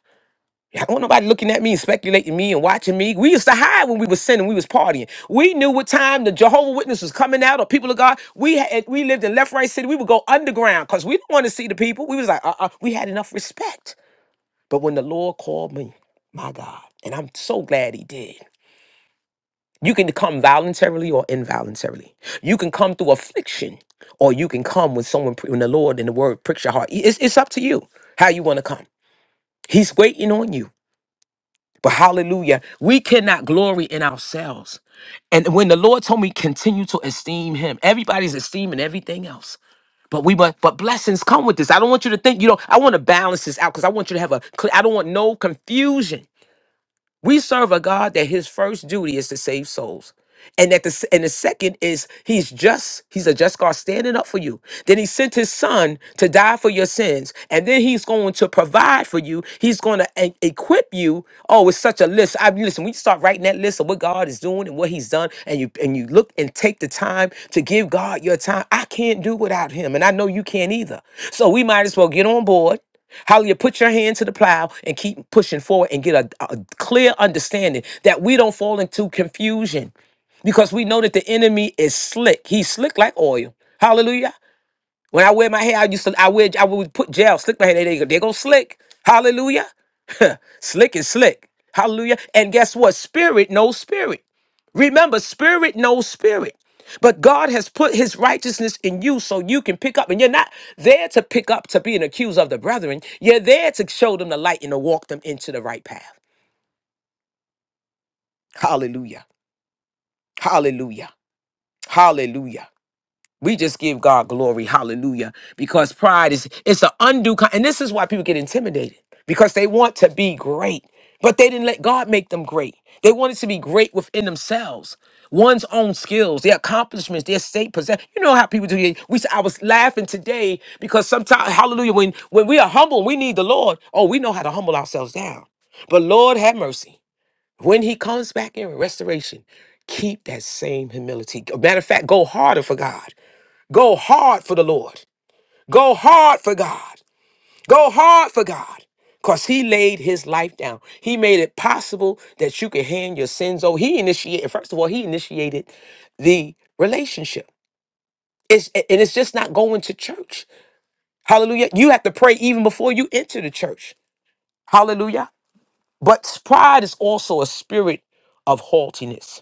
Speaker 1: I don't want nobody looking at me and speculating me and watching me. We used to hide when we was sinning. We was partying. We knew what time the Jehovah Witness was coming out or people of God. We had we lived in left right city. We would go underground because we didn't want to see the people. We was like uh uh we had enough respect. But when the Lord called me, my God, and I'm so glad He did. You can come voluntarily or involuntarily. You can come through affliction, or you can come when someone, when the Lord and the Word pricks your heart. It's, it's up to you how you want to come. He's waiting on you. But hallelujah, we cannot glory in ourselves. And when the Lord told me continue to esteem Him, everybody's esteeming everything else. But we but but blessings come with this. I don't want you to think you know. I want to balance this out because I want you to have a. cl- I don't want no confusion. We serve a God that his first duty is to save souls. And that the s- and the second is he's just, he's a just God standing up for you. Then he sent his son to die for your sins. And then he's going to provide for you. He's going to e- equip you. Oh, it's such a list. I listen, when you start writing that list of what God is doing and what he's done, and you and you look and take the time to give God your time. I can't do without him. And I know you can't either. So we might as well get on board how you put your hand to the plow and keep pushing forward and get a, a clear understanding that we don't fall into confusion because we know that the enemy is slick. He's slick like oil. Hallelujah. When I wear my hair, I used to I wear I would put gel, slick my hair. There they go. There go slick. Hallelujah. slick is slick. Hallelujah. And guess what? Spirit knows spirit. Remember, spirit knows spirit. But God has put his righteousness in you so you can pick up. And you're not there to pick up to be an accuser of the brethren. You're there to show them the light and to walk them into the right path. Hallelujah. Hallelujah. Hallelujah. We just give God glory. Hallelujah. Because pride is it's an undue kind. And this is why people get intimidated because they want to be great, but they didn't let God make them great. They wanted to be great within themselves. One's own skills, their accomplishments, their state possession. You know how people do it. We, I was laughing today because sometimes, hallelujah, when, when we are humble, we need the Lord. Oh, we know how to humble ourselves down. But Lord have mercy. When he comes back in restoration, keep that same humility. Matter of fact, go harder for God. Go hard for the Lord. Go hard for God. Go hard for God. Because he laid his life down. He made it possible that you could hand your sins over. He initiated, first of all, he initiated the relationship. It's, and it's just not going to church. Hallelujah. You have to pray even before you enter the church. Hallelujah. But pride is also a spirit of haughtiness.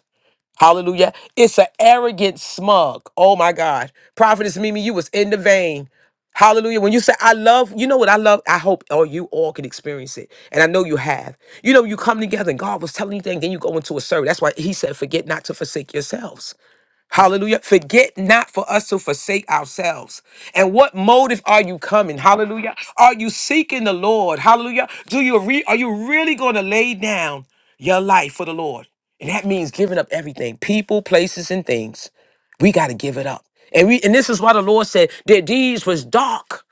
Speaker 1: Hallelujah. It's an arrogant smug. Oh my God. Prophetess Mimi, you was in the vein. Hallelujah. When you say I love, you know what I love? I hope all you all can experience it. And I know you have. You know, you come together and God was telling you things, then you go into a service. That's why he said, forget not to forsake yourselves. Hallelujah. Forget not for us to forsake ourselves. And what motive are you coming? Hallelujah. Are you seeking the Lord? Hallelujah. Do you re- are you really going to lay down your life for the Lord? And that means giving up everything, people, places, and things. We got to give it up. And we and this is why the Lord said their deeds was dark.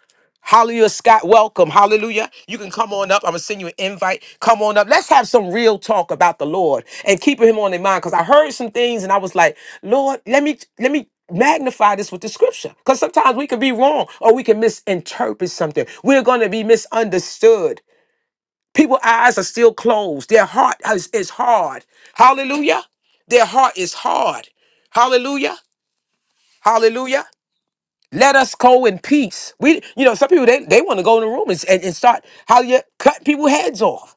Speaker 1: Hallelujah, Scott. Welcome. Hallelujah. You can come on up. I'm gonna send you an invite. Come on up. Let's have some real talk about the Lord and keeping him on in mind. Because I heard some things and I was like, Lord, let me let me magnify this with the scripture. Because sometimes we can be wrong or we can misinterpret something. We're gonna be misunderstood. People's eyes are still closed. Their heart is, is hard. Hallelujah. Their heart is hard. Hallelujah. Hallelujah. Let us go in peace. We, you know, some people they, they want to go in the room and, and, and start how you cut people heads off.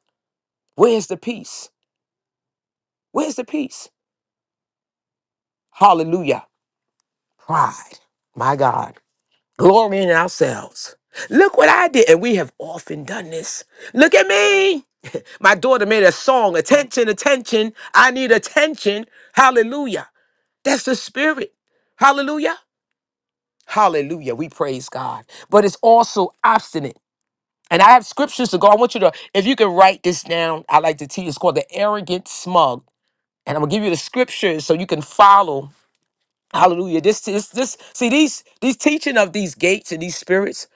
Speaker 1: Where's the peace? Where's the peace? Hallelujah. Pride. My God. Glory in ourselves. Look what I did. And we have often done this. Look at me. My daughter made a song, attention, attention. I need attention. Hallelujah. That's the spirit. Hallelujah. Hallelujah. We praise God. But it's also obstinate. And I have scriptures to go. I want you to, if you can write this down, I like to teach. It's called the arrogant smug. And I'm gonna give you the scriptures so you can follow. Hallelujah. This is this, see these these teaching of these gates and these spirits.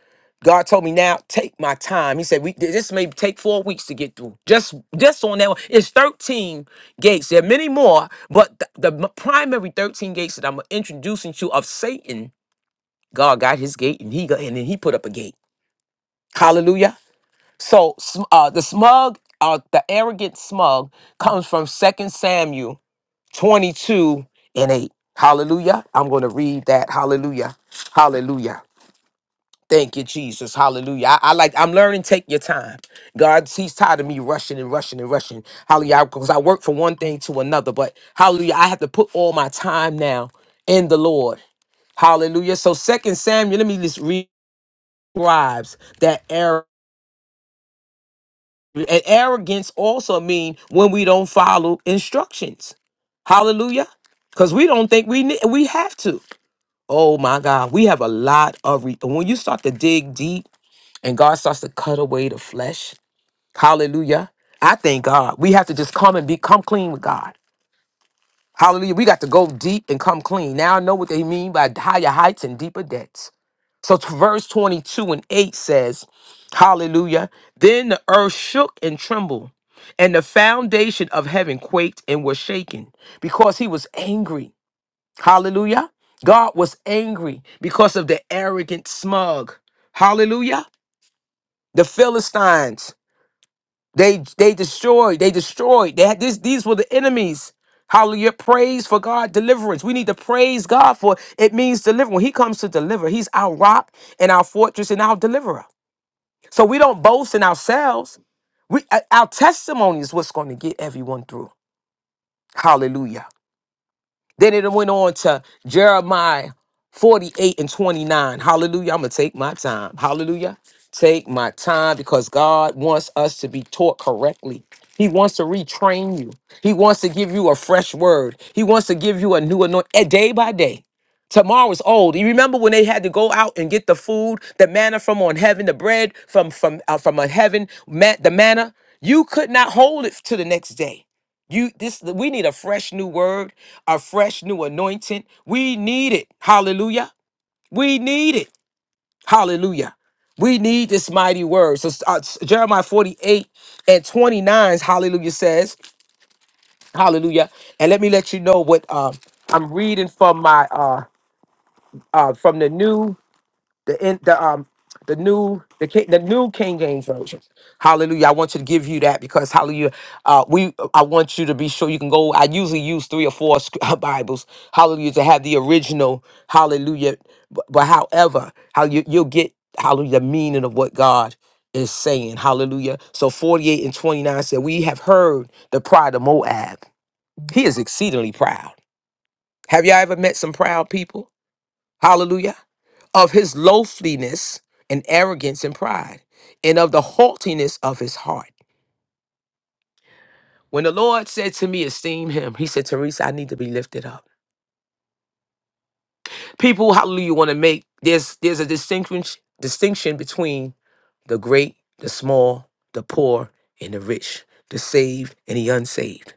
Speaker 1: God told me now, take my time. He said, we, this may take four weeks to get through. Just just on that one. It's 13 gates. There are many more, but the, the primary 13 gates that I'm introducing to you of Satan, God got his gate and he got and then he put up a gate. Hallelujah. So sm- uh, the smug, uh, the arrogant smug, comes from Second Samuel 22 and 8. Hallelujah. I'm going to read that. Hallelujah. Hallelujah. Thank you, Jesus. Hallelujah. I, I like, I'm learning, take your time. God, he's tired of me rushing and rushing and rushing. Hallelujah. Because I work from one thing to another, but hallelujah. I have to put all my time now in the Lord. Hallelujah. So Second Samuel, let me just read describes that arrogance. And arrogance also mean when we don't follow instructions. Hallelujah. Because we don't think we ne- we have to. Oh my God, we have a lot of re- when you start to dig deep and God starts to cut away the flesh. Hallelujah. I thank God. We have to just come and be come clean with God. Hallelujah. We got to go deep and come clean. Now I know what they mean by higher heights and deeper depths. So t- verse 22 and 8 says, Hallelujah. Then the earth shook and trembled, and the foundation of heaven quaked and was shaken because he was angry. Hallelujah. God was angry because of the arrogant smug. Hallelujah. The Philistines. They they destroyed. They destroyed. They had this. These were the enemies. Hallelujah! Praise for God deliverance. We need to praise God for it means deliver. When He comes to deliver, He's our rock and our fortress and our deliverer. So we don't boast in ourselves. We uh, our testimony is what's going to get everyone through. Hallelujah! Then it went on to Jeremiah 48 and 29. Hallelujah. I'm going to take my time. Hallelujah. Take my time because God wants us to be taught correctly. He wants to retrain you. He wants to give you a fresh word. He wants to give you a new anointing day by day. Tomorrow is old. You remember when they had to go out and get the food, the manna from on heaven, the bread from from uh, from on heaven, ma- the manna. You could not hold it to the next day. You this we need a fresh new word, a fresh new anointing. We need it. Hallelujah. We need it. Hallelujah. We need this mighty word. So uh, Jeremiah 48 and 29, hallelujah says, hallelujah. And let me let you know what uh, I'm reading from my uh, uh, from the new the in the um the new the Ki- the new King James version. Hallelujah! I want you to give you that because Hallelujah, uh, we I want you to be sure you can go. I usually use three or four sc- Bibles. Hallelujah to have the original. Hallelujah, but, but however, how you you'll get Hallelujah the meaning of what God is saying. Hallelujah. So forty eight and twenty nine said, "We have heard the pride of Moab. He is exceedingly proud." Have y'all ever met some proud people? Hallelujah. Of his lowliness and arrogance and pride, and of the haughtiness of his heart. When the Lord said to me, esteem him, he said, Teresa, I need to be lifted up. People, hallelujah, want to make there's there's a distinction distinction between the great, the small, the poor, and the rich, the saved and the unsaved.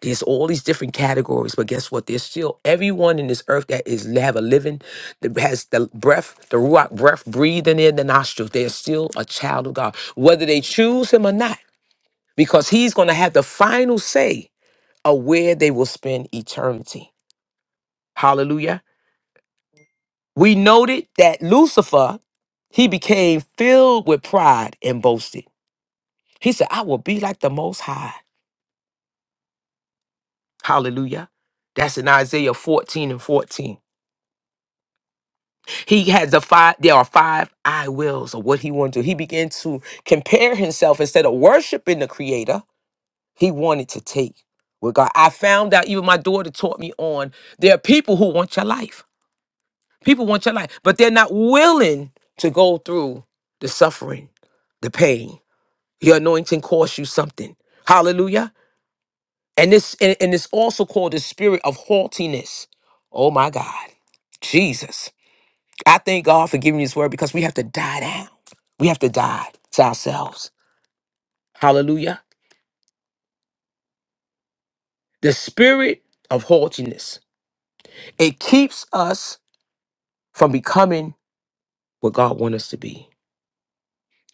Speaker 1: There's all these different categories, but guess what? There's still everyone in this earth that is have a living, that has the breath, the rock breath breathing in the nostrils. They're still a child of God, whether they choose Him or not, because He's going to have the final say of where they will spend eternity. Hallelujah. We noted that Lucifer, he became filled with pride and boasted. He said, I will be like the Most High. Hallelujah. That's in Isaiah 14 and 14. He has the five, there are five I wills of what he wanted to do. He began to compare himself instead of worshiping the Creator, he wanted to take with God. I found out, even my daughter taught me on, there are people who want your life. People want your life, but they're not willing to go through the suffering, the pain. Your anointing costs you something. Hallelujah. And this and, and it's also called the spirit of haughtiness. Oh my God. Jesus. I thank God for giving me his word because we have to die down. We have to die to ourselves. Hallelujah. The spirit of haughtiness. It keeps us from becoming what God wants us to be.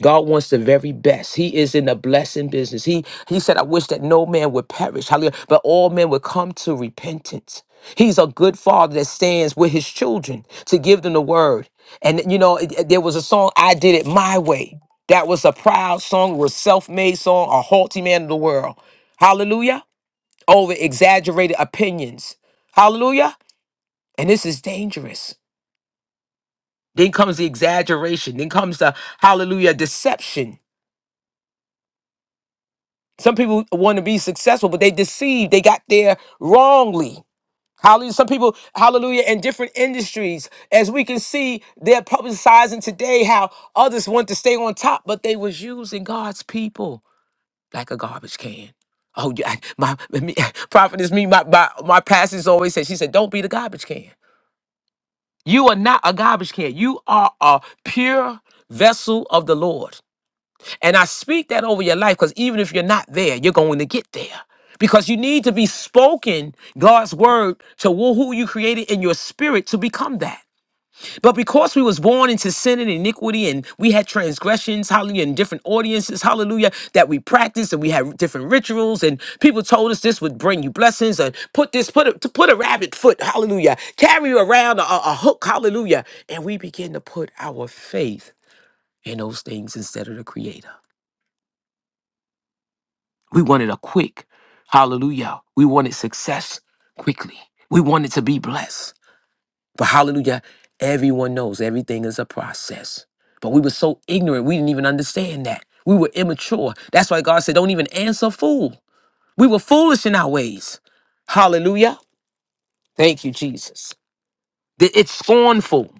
Speaker 1: God wants the very best. He is in the blessing business. He he said, I wish that no man would perish, hallelujah, but all men would come to repentance. He's a good father that stands with his children to give them the word. And you know, it- it- there was a song, I Did It My Way. That was a proud song, it was a self-made song, a haughty man of the world. Hallelujah. Over exaggerated opinions. Hallelujah. And this is dangerous. Then comes the exaggeration. Then comes the hallelujah deception Some people want to be successful, but they deceived. They got there wrongly. Hallelujah. Some people, hallelujah, in different industries, as we can see, they're publicizing today how others want to stay on top, but they was using God's people like a garbage can. Oh, yeah, my me, prophet is me. My, my my pastor's always said. She said, "Don't be the garbage can. You are not a garbage can. You are a pure vessel of the Lord." And I speak that over your life because even if you're not there, you're going to get there. Because you need to be spoken God's word to who who you created in your spirit to become that. But because we was born into sin and iniquity and we had transgressions, hallelujah, in different audiences, hallelujah, that we practiced and we had different rituals and people told us this would bring you blessings and put this, put a, to put a rabbit foot, hallelujah, carry around a, a a hook, hallelujah. And we begin to put our faith in those things instead of the creator. We wanted a quick hallelujah. We wanted success quickly. We wanted to be blessed. But hallelujah, everyone knows everything is a process. But we were so ignorant, we didn't even understand that. We were immature. That's why God said, don't even answer a fool. We were foolish in our ways. Hallelujah. Thank you, Jesus. Th- It's scornful.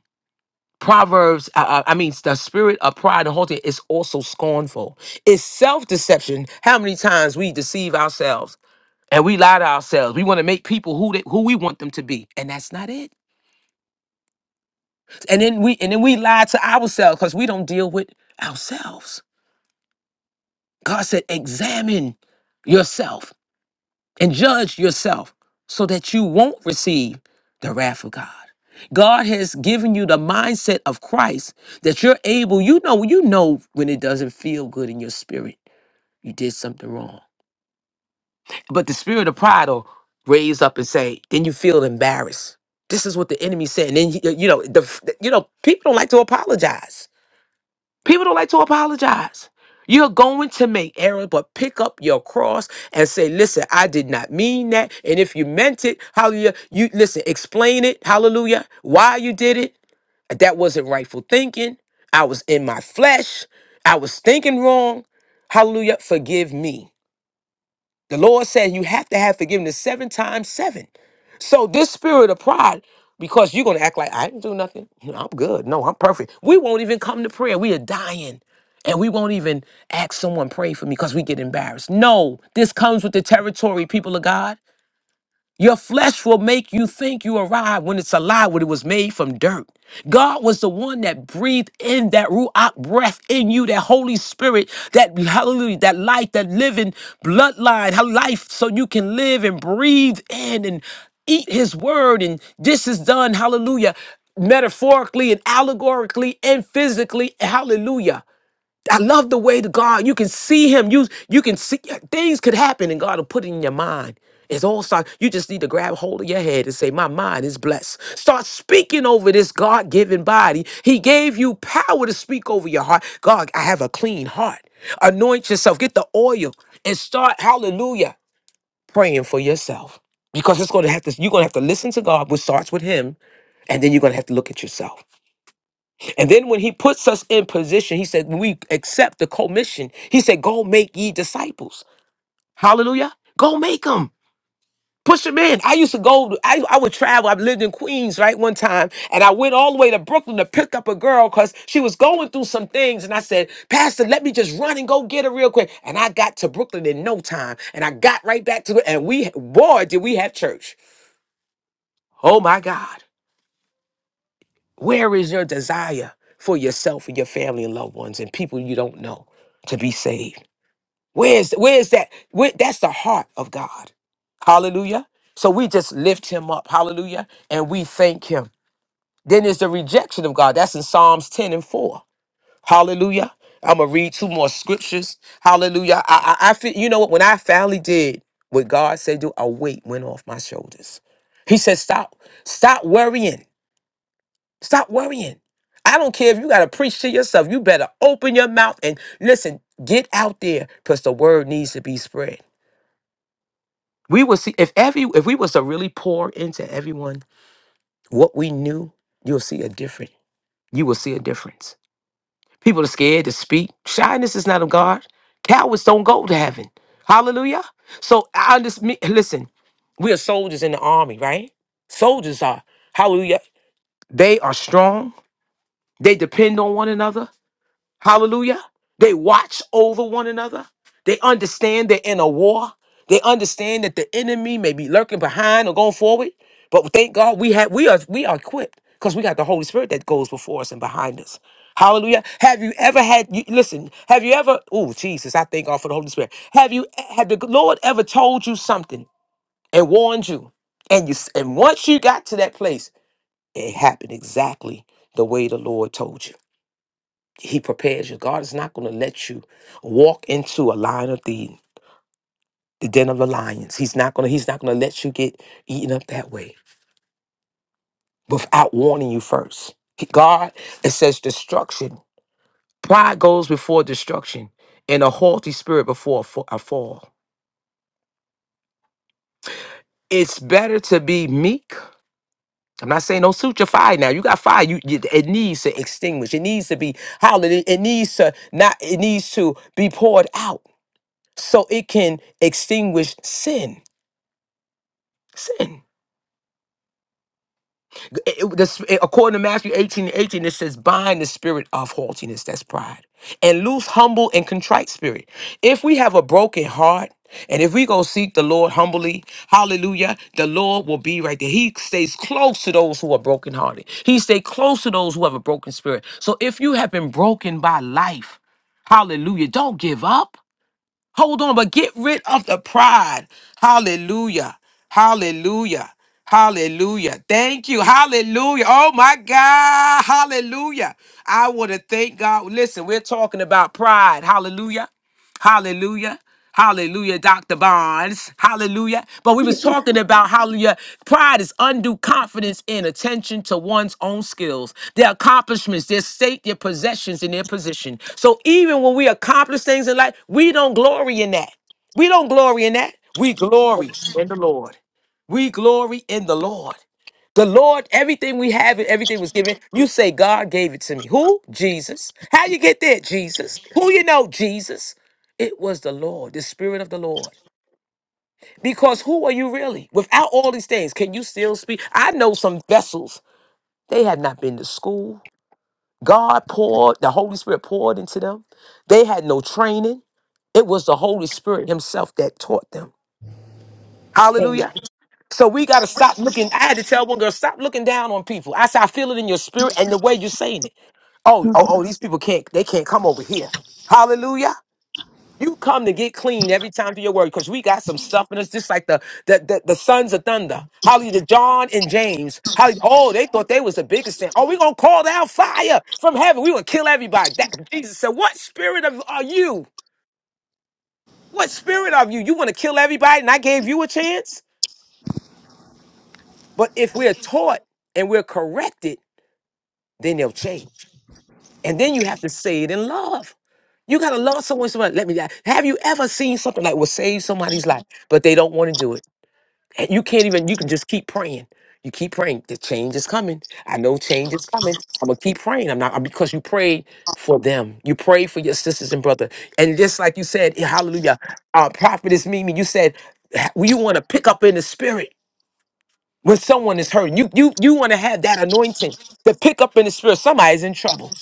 Speaker 1: Proverbs, I, I I mean, the spirit of pride and haughtiness is also scornful. It's self deception. How many times we deceive ourselves? and we lie to ourselves. We want to make people who they, who we want them to be, and that's not it. And then we and then we lie to ourselves because we don't deal with ourselves. God said, "Examine yourself and judge yourself, so that you won't receive the wrath of God." God has given you the mindset of Christ that you're able. You know, you know when it doesn't feel good in your spirit, you did something wrong. But the spirit of pride will raise up and say, then you feel embarrassed. This is what the enemy said. And then you you know, the you know, people don't like to apologize. People don't like to apologize. You're going to make errors, but pick up your cross and say, listen, I did not mean that. And if you meant it, hallelujah, you listen, explain it, hallelujah, why you did it. That wasn't rightful thinking. I was in my flesh. I was thinking wrong. Hallelujah. Forgive me. The Lord said you have to have forgiveness seven times seven. So this spirit of pride, because you're gonna act like I didn't do nothing. You know, I'm good. No, I'm perfect. We won't even come to prayer. We are dying. And we won't even ask someone pray for me because we get embarrassed. No, this comes with the territory, people of God. Your flesh will make you think you arrived when it's alive, when it was made from dirt. God was the one that breathed in that Ruach breath in you, that Holy Spirit, that hallelujah, that life, that living bloodline, how life so you can live and breathe in and eat his word. And this is done, hallelujah, metaphorically and allegorically and physically, hallelujah. I love the way the God, you can see him. You you can see yeah, things could happen and God will put it in your mind. It's all start. You just need to grab hold of your head and say, My mind is blessed. Start speaking over this God given body. He gave you power to speak over your heart. God, I have a clean heart. Anoint yourself. Get the oil and start, hallelujah, praying for yourself. Because it's gonna have to, you're gonna have to listen to God, which starts with Him, and then you're gonna have to look at yourself. And then when he puts us in position, he said, when we accept the commission, he said, go make ye disciples. Hallelujah. Go make them. Push them in. I used to go, I, I would travel. I lived in Queens, right, one time. And I went all the way to Brooklyn to pick up a girl because she was going through some things. And I said, Pastor, let me just run and go get her real quick. And I got to Brooklyn in no time. And I got right back to it. And we, boy, did we have church. Oh my God. Where is your desire for yourself and your family and loved ones and people you don't know to be saved? Where's where's that? Where, that's the heart of God. Hallelujah. So we just lift him up. Hallelujah. And we thank him. Then there's the rejection of God. That's in Psalms 10 and 4. Hallelujah. I'm gonna read two more scriptures. Hallelujah. I, I, I feel you know what when I finally did what God said do, a weight went off my shoulders. He said, Stop, stop worrying. Stop worrying. I don't care if you got to preach to yourself. You better open your mouth and listen. Get out there because the word needs to be spread. We will see if every if we was to really pour into everyone what we knew, you'll see a difference. You will see a difference. People are scared to speak. Shyness is not of God. Cowards don't go to heaven. Hallelujah. So I just me- listen. We are soldiers in the army, right? Soldiers are hallelujah. They are strong. They depend on one another. Hallelujah. They watch over one another. They understand they're in a war. They understand that the enemy may be lurking behind or going forward. But thank God we have we are we are equipped because we got the Holy Spirit that goes before us and behind us. Hallelujah. Have you ever had you listen, have you ever oh Jesus, I thank God for the Holy Spirit. Have you had the Lord ever told you something and warned you? And you s- and once you got to that place, it happened exactly the way the Lord told you. He prepares you. God is not going to let you walk into a line of the the den of the lions. He's not going to he's not going to let you get eaten up that way without warning you first. He- God it says destruction. Pride goes before destruction and a haughty spirit before a fa- a fall. It's better to be meek. I'm not saying don't suit your fire now. You got fire. You, you it needs to extinguish. It needs to be hallelujah. It needs to not. It needs to be poured out so it can extinguish sin. Sin. It- it- the it- according to Matthew 18 and 18, it says, bind the spirit of haughtiness, that's pride, and loose humble and contrite spirit. If we have a broken heart, and if we go seek the Lord humbly, hallelujah, the Lord will be right there. He stays close to those who are brokenhearted. He stays close to those who have a broken spirit. So if you have been broken by life, hallelujah, don't give up. Hold on, but get rid of the pride. Hallelujah. Hallelujah. Hallelujah. Thank you. Hallelujah. Oh my God. Hallelujah. I want to thank God. Listen, we're talking about pride. Hallelujah. Hallelujah. Hallelujah, Dr. Bonds. Hallelujah. But we was talking about hallelujah. Pride is undue confidence in attention to one's own skills, their accomplishments, their state, their possessions, and their position. So even when we accomplish things in life, we don't glory in that. We don't glory in that. We glory in the Lord. We glory in the Lord. The Lord, everything we have and everything was given. You say God gave it to me. Who? Jesus. How you get there? Jesus. Who you know? Jesus. It was the Lord, the Spirit of the Lord. Because who are you really? Without all these things, can you still speak? I know some vessels, they had not been to school. God poured, the Holy Spirit poured into them. They had no training. It was the Holy Spirit Himself that taught them.
Speaker 4: Amen.
Speaker 1: Hallelujah. So we gotta stop looking. I had to tell one girl, stop looking down on people. I said, I feel it in your spirit and the way you're saying it. Oh,
Speaker 4: Mm.
Speaker 1: oh, oh, these people can't, they can't come over here. Hallelujah. You come to get clean every time to your word because we got some stuff in us, just like the the, the, the sons of thunder. Hallelujah, John and James. Hallelujah. Oh, they thought they was the biggest thing. Oh, we gonna call down fire from heaven. We gonna kill everybody. That, Jesus said, What spirit of are you? What spirit of you? You wanna kill everybody and I gave you a chance? But if we're taught and we're corrected. then they'll change. And then you have to say it in love. You gotta love someone so much. Let me have you ever seen something like will save somebody's life, but they don't want to do it? And you can't even, you can just keep praying. You keep praying. The change is coming. I know change is coming. I'm gonna keep praying. I'm not because you prayed for them. You prayed for your sisters and brother. And just like you said, eh, hallelujah, uh, prophetess Mimi, you said you want to pick up in the spirit when someone is hurting. You you you want to have that anointing to pick up in the spirit. Somebody's in trouble.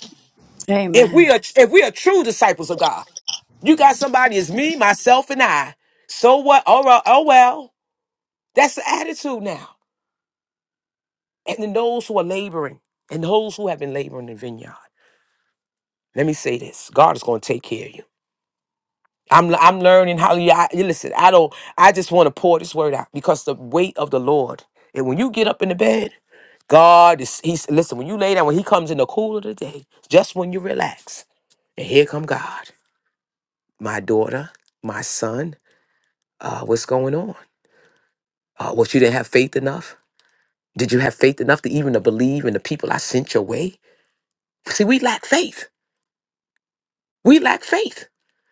Speaker 1: If
Speaker 4: Amen.
Speaker 1: we are if we are true disciples of God, you got somebody as me, myself, and I. So what? All right, oh well. That's the attitude now. And then those who are laboring and those who have been laboring in the vineyard. Let me say this: God is going to take care of you. I'm I'm learning how you I, listen. I don't. I just want to pour this word out because the weight of the Lord. And when you get up in the bed, God is He's listen. When you lay down, when He comes in the cool of the day, just when you relax, and here come God, my daughter, my son. uh, what's going on? Uh, what you didn't have faith enough? Did you have faith enough to even to believe in the people I sent your way? See, we lack faith. We lack faith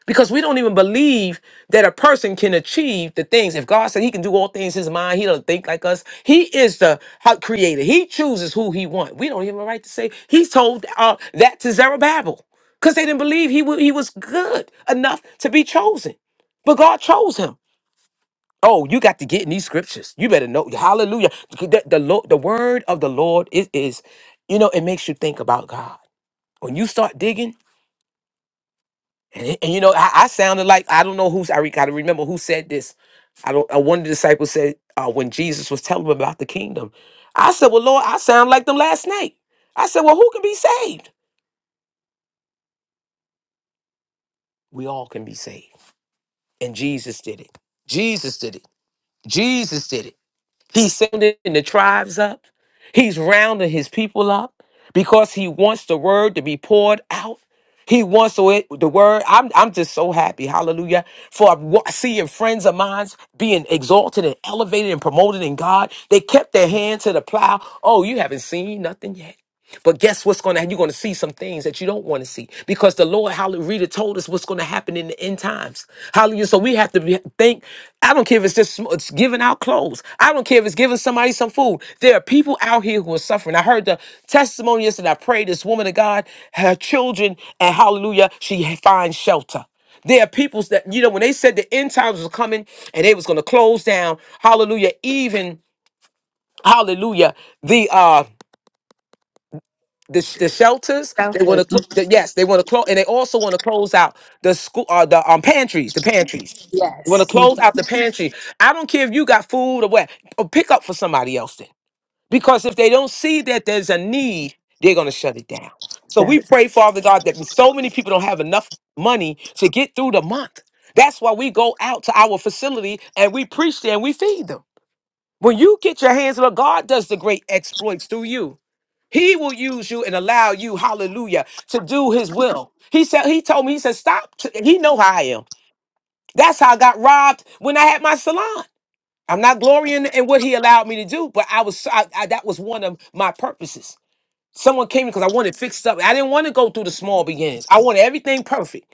Speaker 1: because we don't even believe that a person can achieve the things. If God said He can do all things, in His mind, He does not think like us. He is the ho- Creator. He chooses who He wants. We don't even have a right to say He told uh, that to Zerubbabel because they didn't believe he, wa- he was good enough to be chosen, but God chose him. Oh, you got to get in these scriptures. You better know. Hallelujah. The, the, Lord, the word of the Lord is, is, you know, it makes you think about God. When you start digging, and, it- and you know, I, I sounded like, I don't know who's, I gotta remember who said this. I don't, uh, one of the disciples said, uh, when Jesus was telling them about the kingdom, I said, well, Lord, I sound like them last night. I said, well, who can be saved? We all can be saved. And Jesus did it. Jesus did it. Jesus did it. He's sending the tribes up. He's rounding his people up because he wants the word to be poured out. He wants the way- the word. I'm, I'm just so happy, hallelujah, for wa- seeing friends of mine being exalted and elevated and promoted in God. They kept their hand to the plow. Oh, you haven't seen nothing yet. But guess what's going to happen? You're going to see some things that you don't want to see because the Lord, hallelujah, told us what's going to happen in the end times. Hallelujah. So we have to be, think. I don't care if it's just sm- it's giving out clothes. I don't care if it's giving somebody some food. There are people out here who are suffering. I heard the testimony yesterday. I prayed this woman of God, her children, and hallelujah, she finds shelter. There are peoples that, you know, when they said the end times was coming and they was going to close down, hallelujah, even, hallelujah, the uh the, sh- the shelters.
Speaker 4: That
Speaker 1: They want
Speaker 4: was
Speaker 1: to,
Speaker 4: a-
Speaker 1: cl- yes, they want to close, and they also want to close out the school, uh, the um, pantries, the pantries. They want to
Speaker 4: Yes. Mm,
Speaker 1: close out the pantry. I don't care if you got food or what, or pick up for somebody else then, because if they don't see that there's a need, they're gonna shut it down. So we
Speaker 4: Yes.
Speaker 1: pray, Father God, that so many people don't have enough money to get through the month. That's why we go out to our facility and we preach there and we feed them. When you get your hands on it, God does the great exploits through you. He will use you and allow you, hallelujah, to do his will. He said, he told me, he said, stop. t- he know how I am. That's how I got robbed when I had my salon. I'm not glorying in what he allowed me to do, but I was, I, I- that was one of my purposes. Someone came because I wanted fixed up. I didn't want to go through the small beginnings. I wanted everything perfect.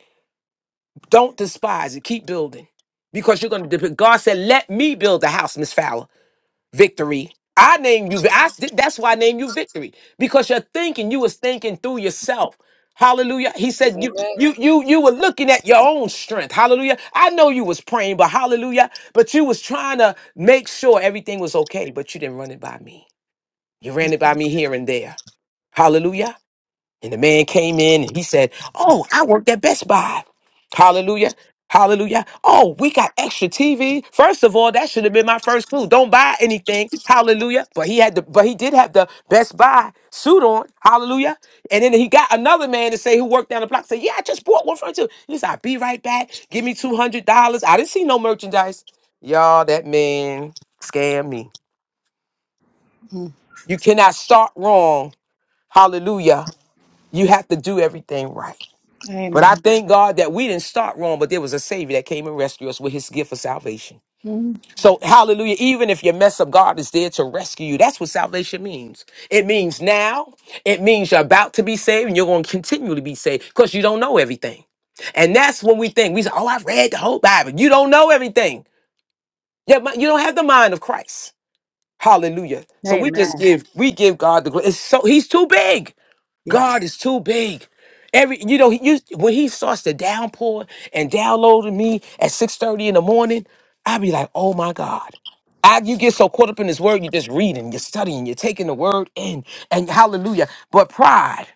Speaker 1: Don't despise it. Keep building because you're going to, God said, let me build the house, Miss Fowler victory. I named you. I, that's why I named you victory because you're thinking. You was thinking through yourself. Hallelujah. He said you
Speaker 2: Amen.
Speaker 1: you you you were looking at your own strength. Hallelujah. I know you was praying, but hallelujah. But you was trying to make sure everything was okay, but you didn't run it by me. You ran it by me here and there. Hallelujah. And the man came in and he said, Oh, I worked at Best Buy. Hallelujah. Hallelujah. Oh, we got extra TV. First of all, that should have been my first clue. Don't buy anything. Hallelujah. But he had the but he did have the Best Buy suit on. Hallelujah. And then he got another man to say who worked down the block. Say, yeah, I just bought one from you. He said, I'll be right back. Give me two hundred dollars. I didn't see no merchandise. Y'all, that man scammed me.
Speaker 4: Mm,
Speaker 1: You cannot start wrong. Hallelujah. You have to do everything right. But I
Speaker 4: Amen.
Speaker 1: thank God that we didn't start wrong, but there was a Savior that came and rescued us with his gift of salvation.
Speaker 4: Mm,
Speaker 1: So, hallelujah. Even if you mess up, God is there to rescue you. That's what salvation means. It means now, it means you're about to be saved and you're going to continually be saved because you don't know everything. And that's when we think, we say, oh, I've read the whole Bible. You don't know everything. Yeah, but you don't have the mind of Christ. Hallelujah. So we just
Speaker 4: Amen.
Speaker 1: give, we give God the glory. It's so he's too big.
Speaker 4: Yes.
Speaker 1: God is too big. Every you know, he used when he starts to downpour and downloading me at 6:30 in the morning, I'd be like, oh my God. I, you get so caught up in this word, you're just reading, you're studying, you're taking the word in, and hallelujah. But pride,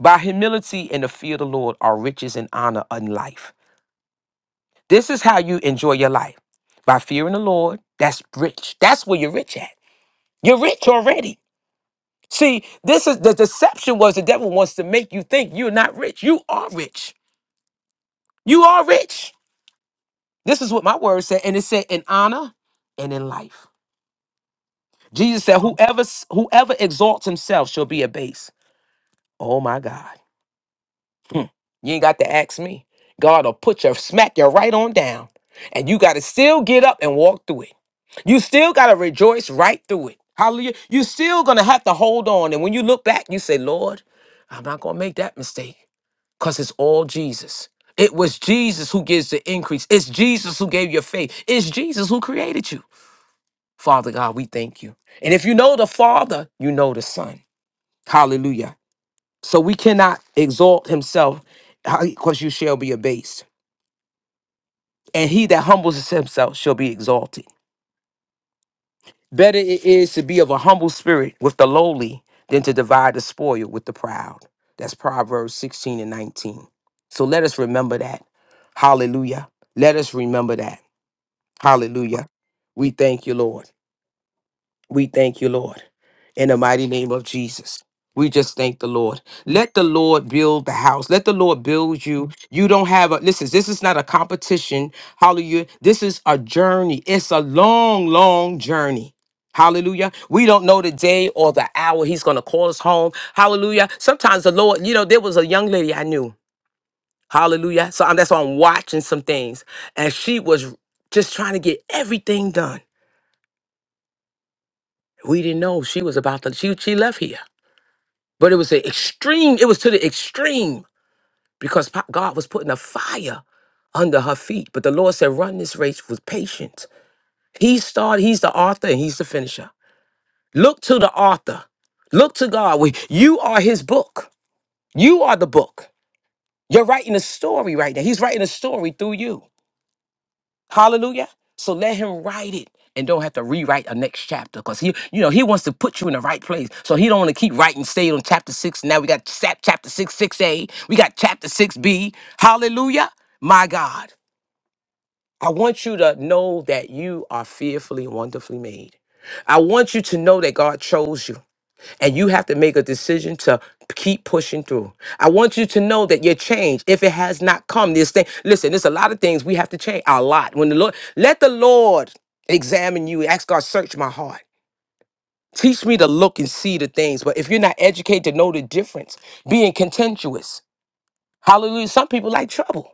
Speaker 1: by humility and the fear of the Lord, are riches and honor in life. This is how you enjoy your life by fearing the Lord. That's rich. That's where you're rich at. You're rich already. See, this is the deception was the devil wants to make you think you're not rich. You are rich. You are rich. This is what my word said, and it said in honor and in life. Jesus said, Whoever whoever exalts himself shall be abased. Oh my God. You ain't got to ask me. God will put your smack you right on down. And you gotta still get up and walk through it. You still gotta rejoice right through it. Hallelujah. You still gonna have to hold on. And when you look back, you say, Lord, I'm not gonna make that mistake. Because it's all Jesus. It was Jesus who gives the increase. It's Jesus who gave your faith. It's Jesus who created you. Father God, we thank you. And if you know the Father, you know the Son. Hallelujah. So we cannot exalt himself because you shall be abased. And he that humbles himself shall be exalted. Better it is to be of a humble spirit with the lowly than to divide the spoil with the proud. That's Proverbs 16 and 19. So let us remember that. Hallelujah. Let us remember that. Hallelujah. We thank you, Lord. We thank you, Lord, in the mighty name of Jesus. We just thank the Lord. Let the Lord build the house. Let the Lord build you. You don't have a listen, this is not a competition. Hallelujah. This is a journey. It's a long, long journey. Hallelujah. We don't know the day or the hour he's going to call us home. Hallelujah. Sometimes the Lord, you know, there was a young lady I knew. Hallelujah. So I'm, that's why I'm watching some things. And she was just trying to get everything done. We didn't know she was about to, she, she left here. But it was an extreme, it was to the extreme because po- God was putting a fire under her feet. But the Lord said, run this race with patience. He started, he's the author and he's the finisher. Look to the author. Look to God. We- You are his book. You are the book. You're writing a story right now. He's writing a story through you. Hallelujah. So let him write it and don't have to rewrite a next chapter because he, you know, he wants to put you in the right place. So he don't want to keep writing, stay on chapter six. Now we got chap- chapter six, six A. We got chapter six B. Hallelujah. My God, I want you to know that you are fearfully and wonderfully made. I want you to know that God chose you and you have to make a decision to keep pushing through. I want you to know that your change, if it has not come, this thing. Listen, there's a lot of things we have to change. A lot. When the Lord, let the Lord examine you. Ask God, search my heart. Teach me to look and see the things. But if you're not educated to know the difference, being contentious. Hallelujah. Some people like trouble.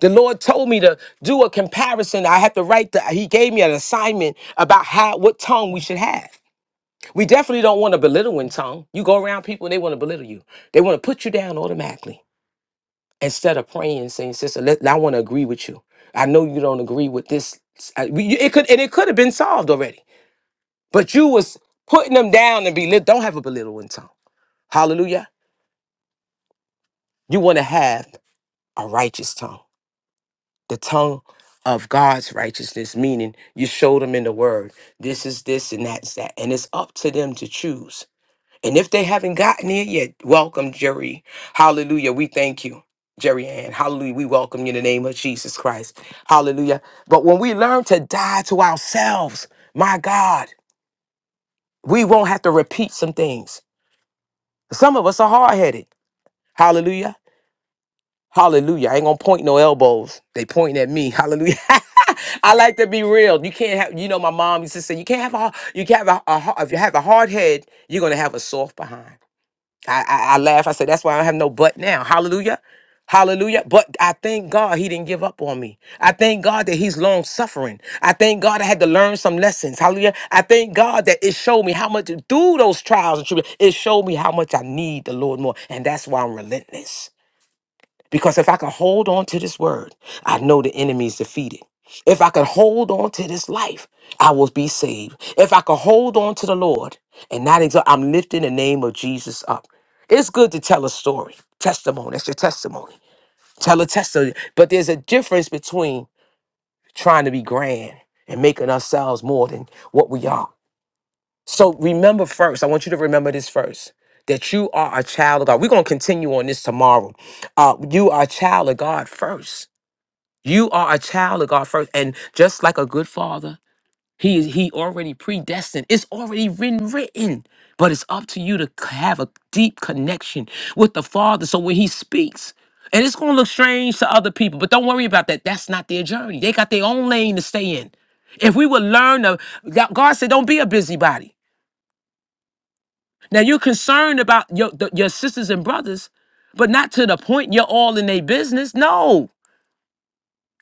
Speaker 1: The Lord told me to do a comparison. I had to write the, He gave me an assignment about how what tongue we should have. We definitely don't want a belittling tongue. You go around people and they want to belittle you. They want to put you down automatically instead of praying and saying, "Sister, let, I want to agree with you. I know you don't agree with this." I- we- it could and it could have been solved already, but you was putting them down and belittle. Don't have a belittling tongue. Hallelujah. You want to have a righteous tongue, the tongue of God's righteousness, meaning you show them in the Word. This is this and that's that, and it's up to them to choose. And if they haven't gotten it yet, welcome, Jerry. Hallelujah. We thank you, Jerry Ann. Hallelujah. We welcome you in the name of Jesus Christ. Hallelujah. But when we learn to die to ourselves, my God, we won't have to repeat some things. Some of us are hard headed. Hallelujah. Hallelujah. I ain't gonna point no elbows. They pointing at me. Hallelujah. I like to be real. You can't have, you know, my mom used to say, you can't have a, you can't have a, a, har- if you have a hard head, you're gonna have a soft behind. I, I, I laugh. I say, that's why I don't have no butt now. Hallelujah. Hallelujah. But I thank God he didn't give up on me. I thank God that he's long suffering. I thank God I had to learn some lessons. Hallelujah. I thank God that it showed me how much through those trials and tribulations, it showed me how much I need the Lord more. And that's why I'm relentless. Because if I can hold on to this word, I know the enemy is defeated. If I can hold on to this life, I will be saved. If I can hold on to the Lord and not exalt, I'm lifting the name of Jesus up. It's good to tell a story, testimony. That's your testimony. Tell a testimony. But there's a difference between trying to be grand and making ourselves more than what we are. So remember first, I want you to remember this first that you are a child of God. We're going to continue on this tomorrow. Uh, you are a child of God first. You are a child of God first, and just like a good father, he is he already predestined. It's already written, written. But it's up to you to c- have a deep connection with the Father. So when He speaks, and it's going to look strange to other people, but don't worry about that. That's not their journey. They got their own lane to stay in. If we would learn to, God God said, don't be a busybody. Now you're concerned about your the- your sisters and brothers, but not to the point you're all in their business. No,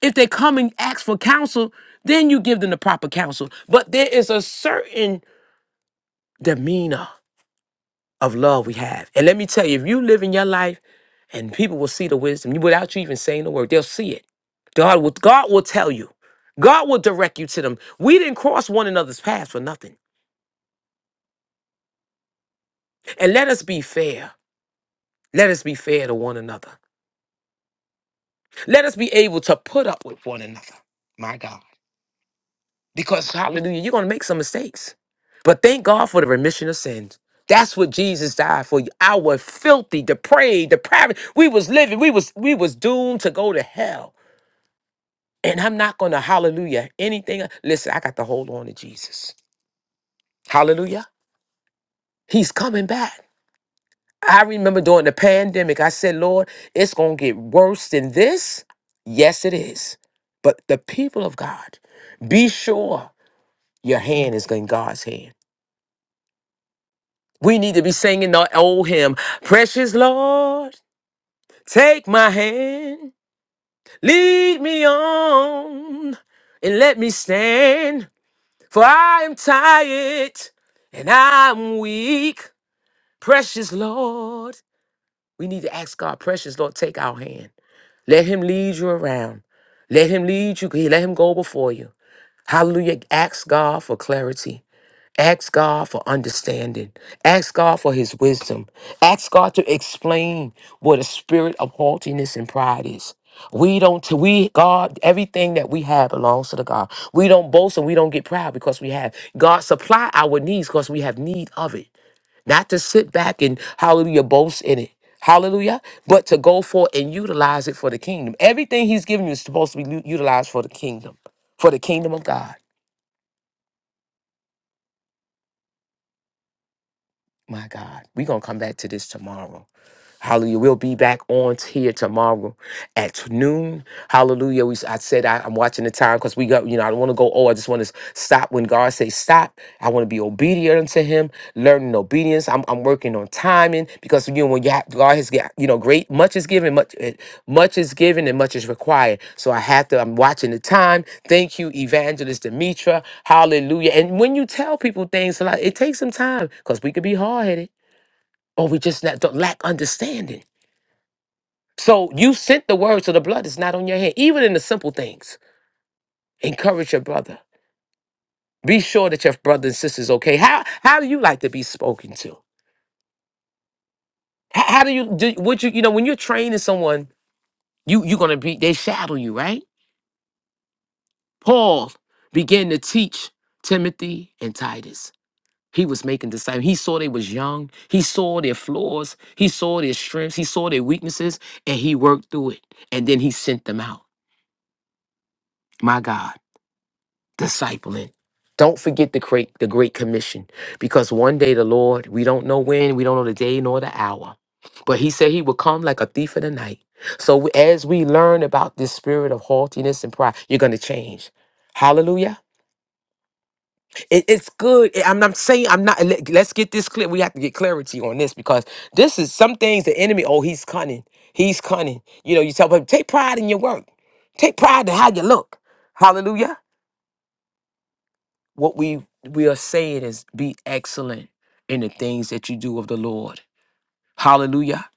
Speaker 1: If they come and ask for counsel, then you give them the proper counsel. But there is a certain demeanor of love we have. And let me tell you, if you live in your life and people will see the wisdom you- without you even saying the word, they'll see it. God will, God will tell you. God will direct you to them. We didn't cross one another's path for nothing. And let us be fair. Let us be fair to one another. Let us be able to put up with one another. My God. because hallelujah you're going to make some mistakes but thank god for the remission of sins that's what jesus died for our filthy depraved depravity we was living we was we was doomed to go to hell and i'm not going to hallelujah anything listen i got to hold on to jesus hallelujah he's coming back i remember during the pandemic i said lord it's going to get worse than this yes it is but the people of god be sure your hand is in god's hand We need to be singing the old hymn Precious Lord, take my hand, lead me on, and let me stand. For I am tired and I'm weak. Precious Lord, we need to ask God, Precious Lord, take our hand. Let Him lead you around. Let Him lead you. Let Him go before you. Hallelujah. Ask God for clarity. Ask God for understanding. Ask God for his wisdom. Ask God to explain what a spirit of haughtiness and pride is. We don't, we, God, everything that we have belongs to the God. We don't boast and we don't get proud because we have. God supply our needs because we have need of it. Not to sit back and, hallelujah, boast in it. Hallelujah. But to go forth and utilize it for the kingdom. Everything he's given you is supposed to be lu- utilized for the kingdom, for the kingdom of God. My God, we're going to come back to this tomorrow. Hallelujah. We'll be back on here tomorrow at noon. Hallelujah. We, s- I said I, am watching the time because we got, you know, I don't want to go, oh, I just want to stop when God says stop. I want to be obedient unto him, learning obedience. I'm, I'm working on timing because, you know, when you have, God has got, you know, great, much is given, much, eh, much is given and much is required. So I have to, I'm watching the time. Thank you, Evangelist Demetra. Hallelujah. And when you tell people things, like, it takes some time because we could be hard headed or we just not, don't lack understanding. So you sent the word, so the blood is not on your hand. Even in the simple things, encourage your brother. Be sure that your brother and sister is okay. How how do you like to be spoken to? How, how do you do? Would you you know when you're training someone, you you're gonna be they shadow you, right? Paul began to teach Timothy and Titus. He was making disciples. He saw they was young. He saw their flaws. He saw their strengths. He saw their weaknesses, and he worked through it. And then he sent them out. My God. discipling. Don't forget the great, the great commission, because one day the Lord, we don't know when, we don't know the day nor the hour, but He said He would come like a thief in the night. So as we learn about this spirit of haughtiness and pride, you're going to change. Hallelujah! It- it's good. I- I'm not saying I'm not. let- Let's get this clear. We have to get clarity on this because this is some things the enemy. Oh, he's cunning. He's cunning. You know, you tell him take pride in your work. Take pride in how you look. Hallelujah. what we we are saying is be excellent in the things that you do of the Lord. Hallelujah.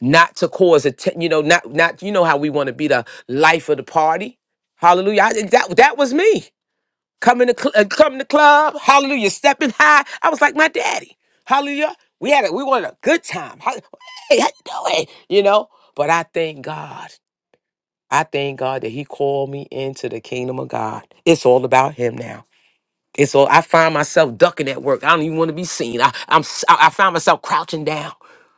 Speaker 1: Not to cause a te- you know not not you know how we want to be the life of the party. Hallelujah. I, that that was me. Coming to cl- uh, coming to club. Hallelujah. Stepping high. I was like my daddy. Hallelujah. We had a we wanted a good time. Hall- Hey, how you doing? You know. But I thank God. I thank God that He called me into the kingdom of God. It's all about Him now. And so I find myself ducking at work. I don't even want to be seen. I, I'm s- I I find myself crouching down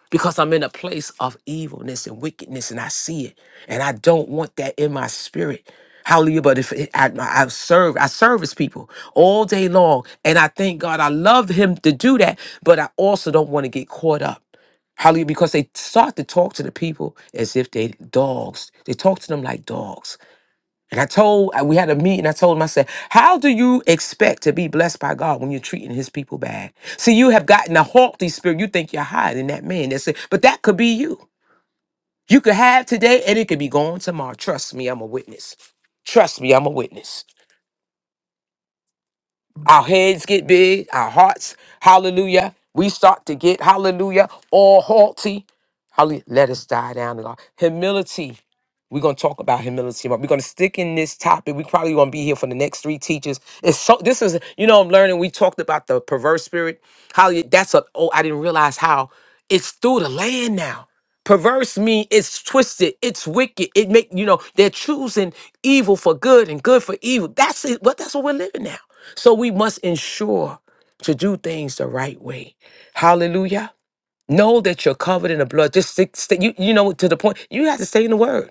Speaker 1: because I'm in a place of evilness and wickedness, and I see it, and I don't want that in my spirit. Hallelujah! But if it, I, I- I've served, I service people all day long, and I thank God I love Him to do that. But I also don't want to get caught up. Hallelujah! Because they start to talk to the people as if they dogs. They talk to them like dogs. And I told, I- we had a meeting. I told him, I said, How do you expect to be blessed by God when you're treating his people bad? See, you have gotten a haughty spirit. You think you're higher than that man. That's it. But that could be you. You could have today and it could be gone tomorrow. Trust me, I'm a witness. Trust me, I'm a witness. Our heads get big, our hearts, hallelujah. We start to get, hallelujah, all haughty. Hallelujah. Let us die down to God. Humility. We're gonna talk about humility. but We're gonna stick in this topic. We probably gonna be here for the next three teachers. It's so this is, you know, I'm learning. We talked about the perverse spirit. How you- that's a oh, I didn't realize how it's through the land now. Perverse mean it's twisted, it's wicked. It make you know they're choosing evil for good and good for evil. That's it. What that's what we're living now. So we must ensure to do things the right way. Hallelujah. Know that you're covered in the blood. Just stick, stay- you, you know to the point. You have to stay in the word.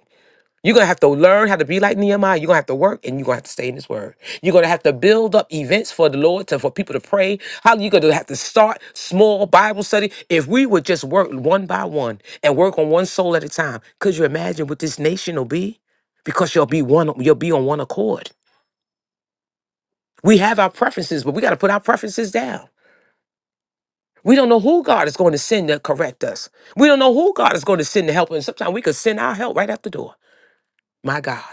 Speaker 1: You're gonna have to learn how to be like Nehemiah. You're gonna have to work and you're gonna have to stay in this word. You're gonna have to build up events for the Lord to for people to pray. How you're gonna have to start small Bible study. If we would just work one by one and work on one soul at a time, could you imagine what this nation will be? Because you'll be one, you'll be on one accord. We have our preferences, but we gotta put our preferences down. We don't know who God is going to send to correct us. We don't know who God is going to send to help us. Sometimes we could send our help right out the door. My God.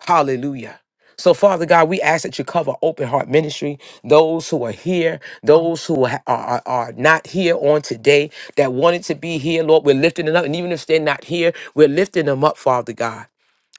Speaker 1: Hallelujah. So, Father God, we ask that you cover Open Heart Ministry, those who are here, those who are, are, are not here on today that wanted to be here, Lord. We're lifting them up. And even if they're not here, we're lifting them up, Father God.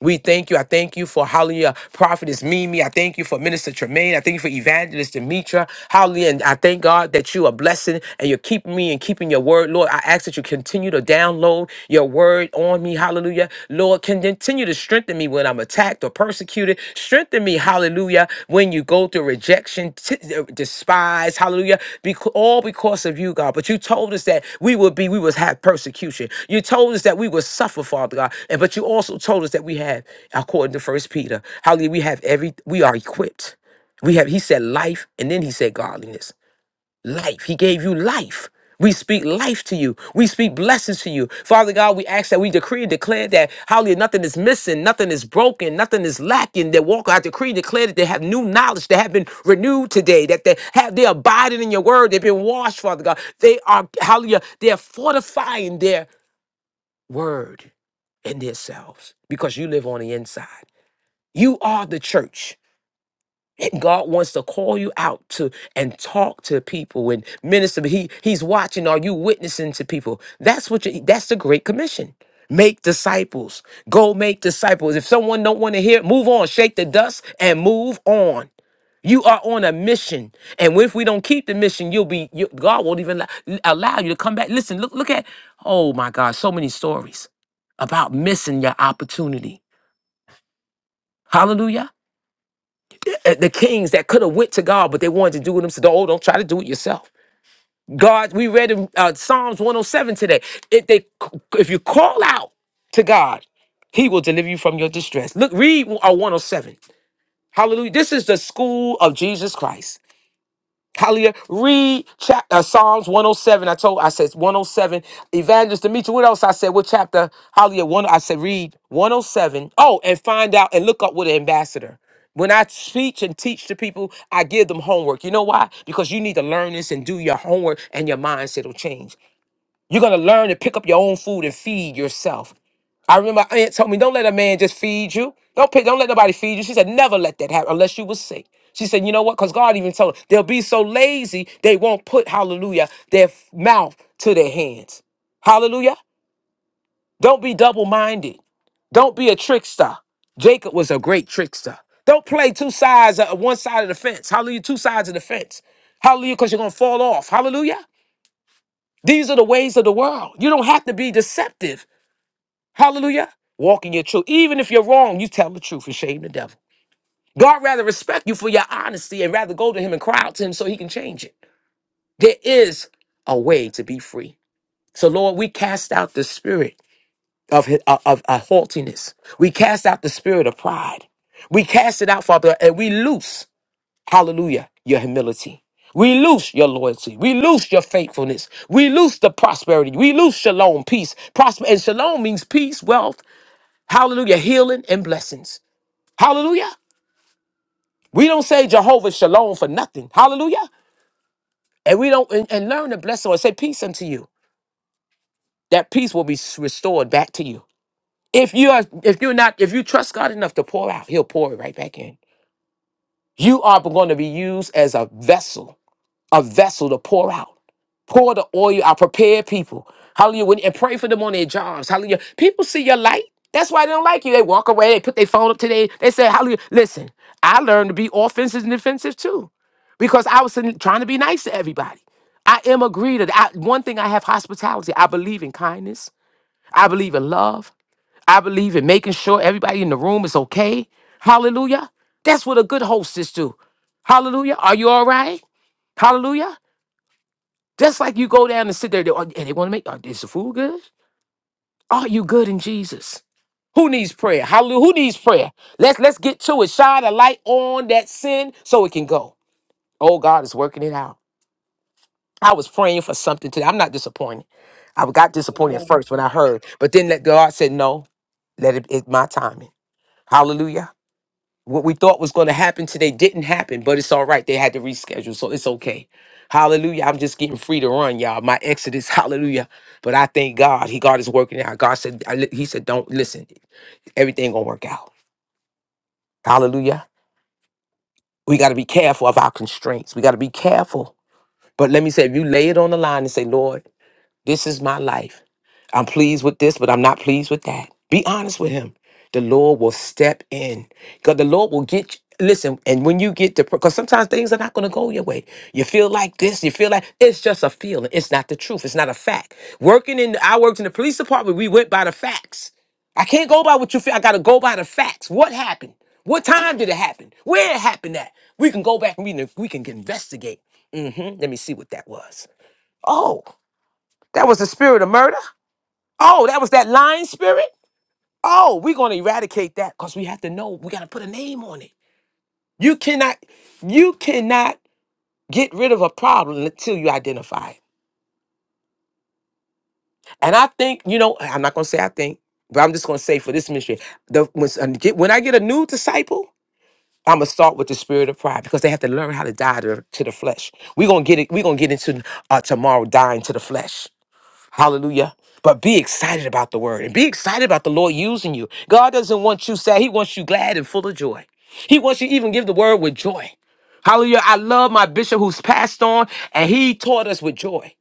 Speaker 1: We thank you. I thank you for hallelujah, prophetess Mimi. I thank you for minister Tremaine. I thank you for evangelist Demetra. Hallelujah. And I thank God that you are blessing and you're keeping me and keeping your word. Lord, I ask that you continue to download your word on me. Hallelujah. Lord, can continue to strengthen me when I'm attacked or persecuted. Strengthen me. Hallelujah hallelujah, when you go through rejection, t- uh, despise, hallelujah, because, all because of you, God. But you told us that we would be, we would have persecution. You told us that we would suffer, Father God. And but you also told us that we have, according to First Peter, hallelujah, we have every, we are equipped. We have, he said life, and then he said godliness life. He gave you life. We speak life to you. We speak blessings to you. Father God, we ask that we decree and declare that hallelujah, nothing is missing, nothing is broken, nothing is lacking. That walk, I decree and declare that they have new knowledge, they have been renewed today, that they have they abiding in your word, they've been washed, Father God. They are hallelujah, they're fortifying their word in themselves because you live on the inside. You are the church. God wants to call you out to and talk to people and minister. But He He's watching. Are you witnessing to people? That's what you that's the Great Commission. Make disciples. Go make disciples. If someone don't want to hear, it, move on. Shake the dust and move on. You are on a mission, and if we don't keep the mission, you'll be you, God won't even allow allow you to come back. Listen, look, look at oh my God, so many stories about missing your opportunity. Hallelujah uh, the kings that could have went to God, but they wanted to do it themselves. Oh, don't try to do it yourself. God, we read in uh, Psalms 107 today. If they, if you call out to God, He will deliver you from your distress. Look, read uh, 107. Hallelujah. This is the school of Jesus Christ. Hallelujah. Read chap- uh, Psalms 107. I told, I said 107. Evangelist Demetri, what else I said? What chapter? Hallelujah. One, I said read 107. Oh, seven. Oh, and find out and look up with an ambassador. When I teach and teach to people, I give them homework. You know why? Because you need to learn this and do your homework and your mindset will change. You're gonna learn to pick up your own food and feed yourself. I remember my aunt told me, don't let a man just feed you. Don't pick, don't let nobody feed you. She said, never let that happen unless you was sick. She said, you know what? Because God even told her, they'll be so lazy, they won't put, hallelujah, their f- mouth to their hands. Hallelujah. Don't be double-minded. Don't be a trickster. Jacob was a great trickster. Don't play two sides of one side of the fence. Hallelujah, two sides of the fence. Hallelujah, because you're gonna fall off. Hallelujah. These are the ways of the world. You don't have to be deceptive. Hallelujah. Walk in your truth. Even if you're wrong, you tell the truth and shame the devil. God rather respect you for your honesty and rather go to him and cry out to him so he can change it. There is a way to be free. So, Lord, we cast out the spirit of, of, of of haughtiness. We cast out the spirit of pride. We cast it out, Father, and we loose, hallelujah, your humility. We loose your loyalty. We loose your faithfulness. We loose the prosperity. We loose shalom, peace. Prosper and shalom means peace, wealth, Hallelujah. Healing and blessings. Hallelujah. We don't say Jehovah Shalom for nothing. Hallelujah. And we don't and, and learn to bless or say peace unto you. That peace will be s- restored back to you. If you are if you're not if you trust God enough to pour out, he'll pour it right back in. You are going to be used as a vessel, a vessel to pour out. Pour the oil out. Prepare people. Hallelujah. When- And pray for them on their jobs. Hallelujah. People see your light. That's why they don't like you. They walk away. They put their phone up today. They say, Hallelujah. Listen, I learned to be offensive and defensive too because I was sitting- trying to be nice to everybody. I am a greeter. I, one thing I have hospitality. I believe in kindness. I believe in love. I believe in making sure everybody in the room is okay. Hallelujah. That's what a good hostess do. Hallelujah. Are you all right? Hallelujah. Just like you go down and sit there, they, oh, and they want to make, "Uh, is the food good? Are you good in Jesus? Who needs prayer? Hallelujah. Who needs prayer? Let's let's get to it. Shine a light on that sin so it can go. Oh, God is working it out. I was praying for something today. I'm not disappointed. I got
Speaker 2: Amen.
Speaker 1: disappointed at first when I heard, but then that God said, no, let it, it's my timing. Hallelujah. what we thought was going to happen today didn't happen, but it's all right. They had to reschedule, so it's okay. Hallelujah. I'm just getting free to run, y'all. My exodus, hallelujah. But I thank God. He God is working out. God said, I li- He said, don't listen. Everything gonna work out. Hallelujah. We gotta be careful of our constraints. We gotta be careful. But let me say, if you lay it on the line and say, Lord. This is my life. I'm pleased with this, but I'm not pleased with that. Be honest with him. The Lord will step in because the Lord will get Listen, and when you get to, because sometimes things are not going to go your way. You feel like this, you feel like it's just a feeling. It's not the truth. It's not a fact. Working in, I worked in the police department. We went by the facts. I can't go by what you feel. I got to go by the facts. What happened? What time did it happen? Where it happened at? We can go back and we, can- we can investigate. hmm Let me see what that was. Oh. That was the spirit of murder. Oh, that was that lying spirit. Oh, we're gonna eradicate that because we have to know we gotta put a name on it. You cannot, you cannot get rid of a problem until you identify it. And I think, you know, I'm not gonna say I think, but I'm just gonna say for this ministry, the when, s- get- when I get a new disciple, I'm gonna start with the spirit of pride because they have to learn how to die to, to the flesh. We're gonna get it, we're gonna get into uh, tomorrow dying to the flesh. Hallelujah. But be excited about the word and be excited about the Lord using you. God doesn't want you sad, He wants you glad and full of joy. He wants you to even give the word with joy. Hallelujah. I love my bishop who's passed on and he taught us with joy.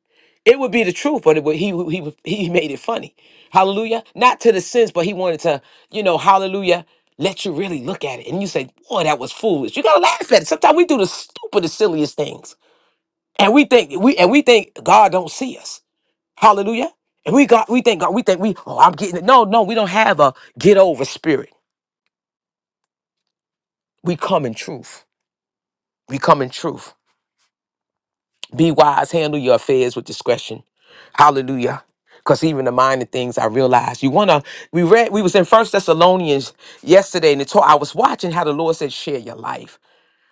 Speaker 1: It would be the truth, but it would, he, he he made it funny. Hallelujah. Not to the sense, but he wanted to, you know, hallelujah, let you really look at it. And you say, boy, that was foolish. You gotta laugh at it. Sometimes we do the stupidest, silliest things. And we think we and we think God don't see us. Hallelujah. And we got we thank God, we think we, oh, I'm getting it. No, no, we don't have a get over spirit. We come in truth. We come in truth. Be wise, handle your affairs with discretion. Hallelujah. Because even the minor things I realized. You wanna we read we was in First Thessalonians yesterday and it told, I was watching how the Lord said share your life.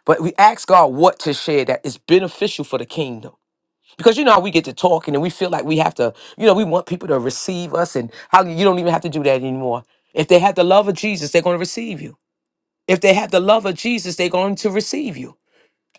Speaker 1: But we asked God what to share that is beneficial for the kingdom. because you know how we get to talking and we feel like we have to you know we want people to receive us and how you don't even have to do that anymore if they have the love of jesus they're going to receive you if they have the love of jesus they're going to receive you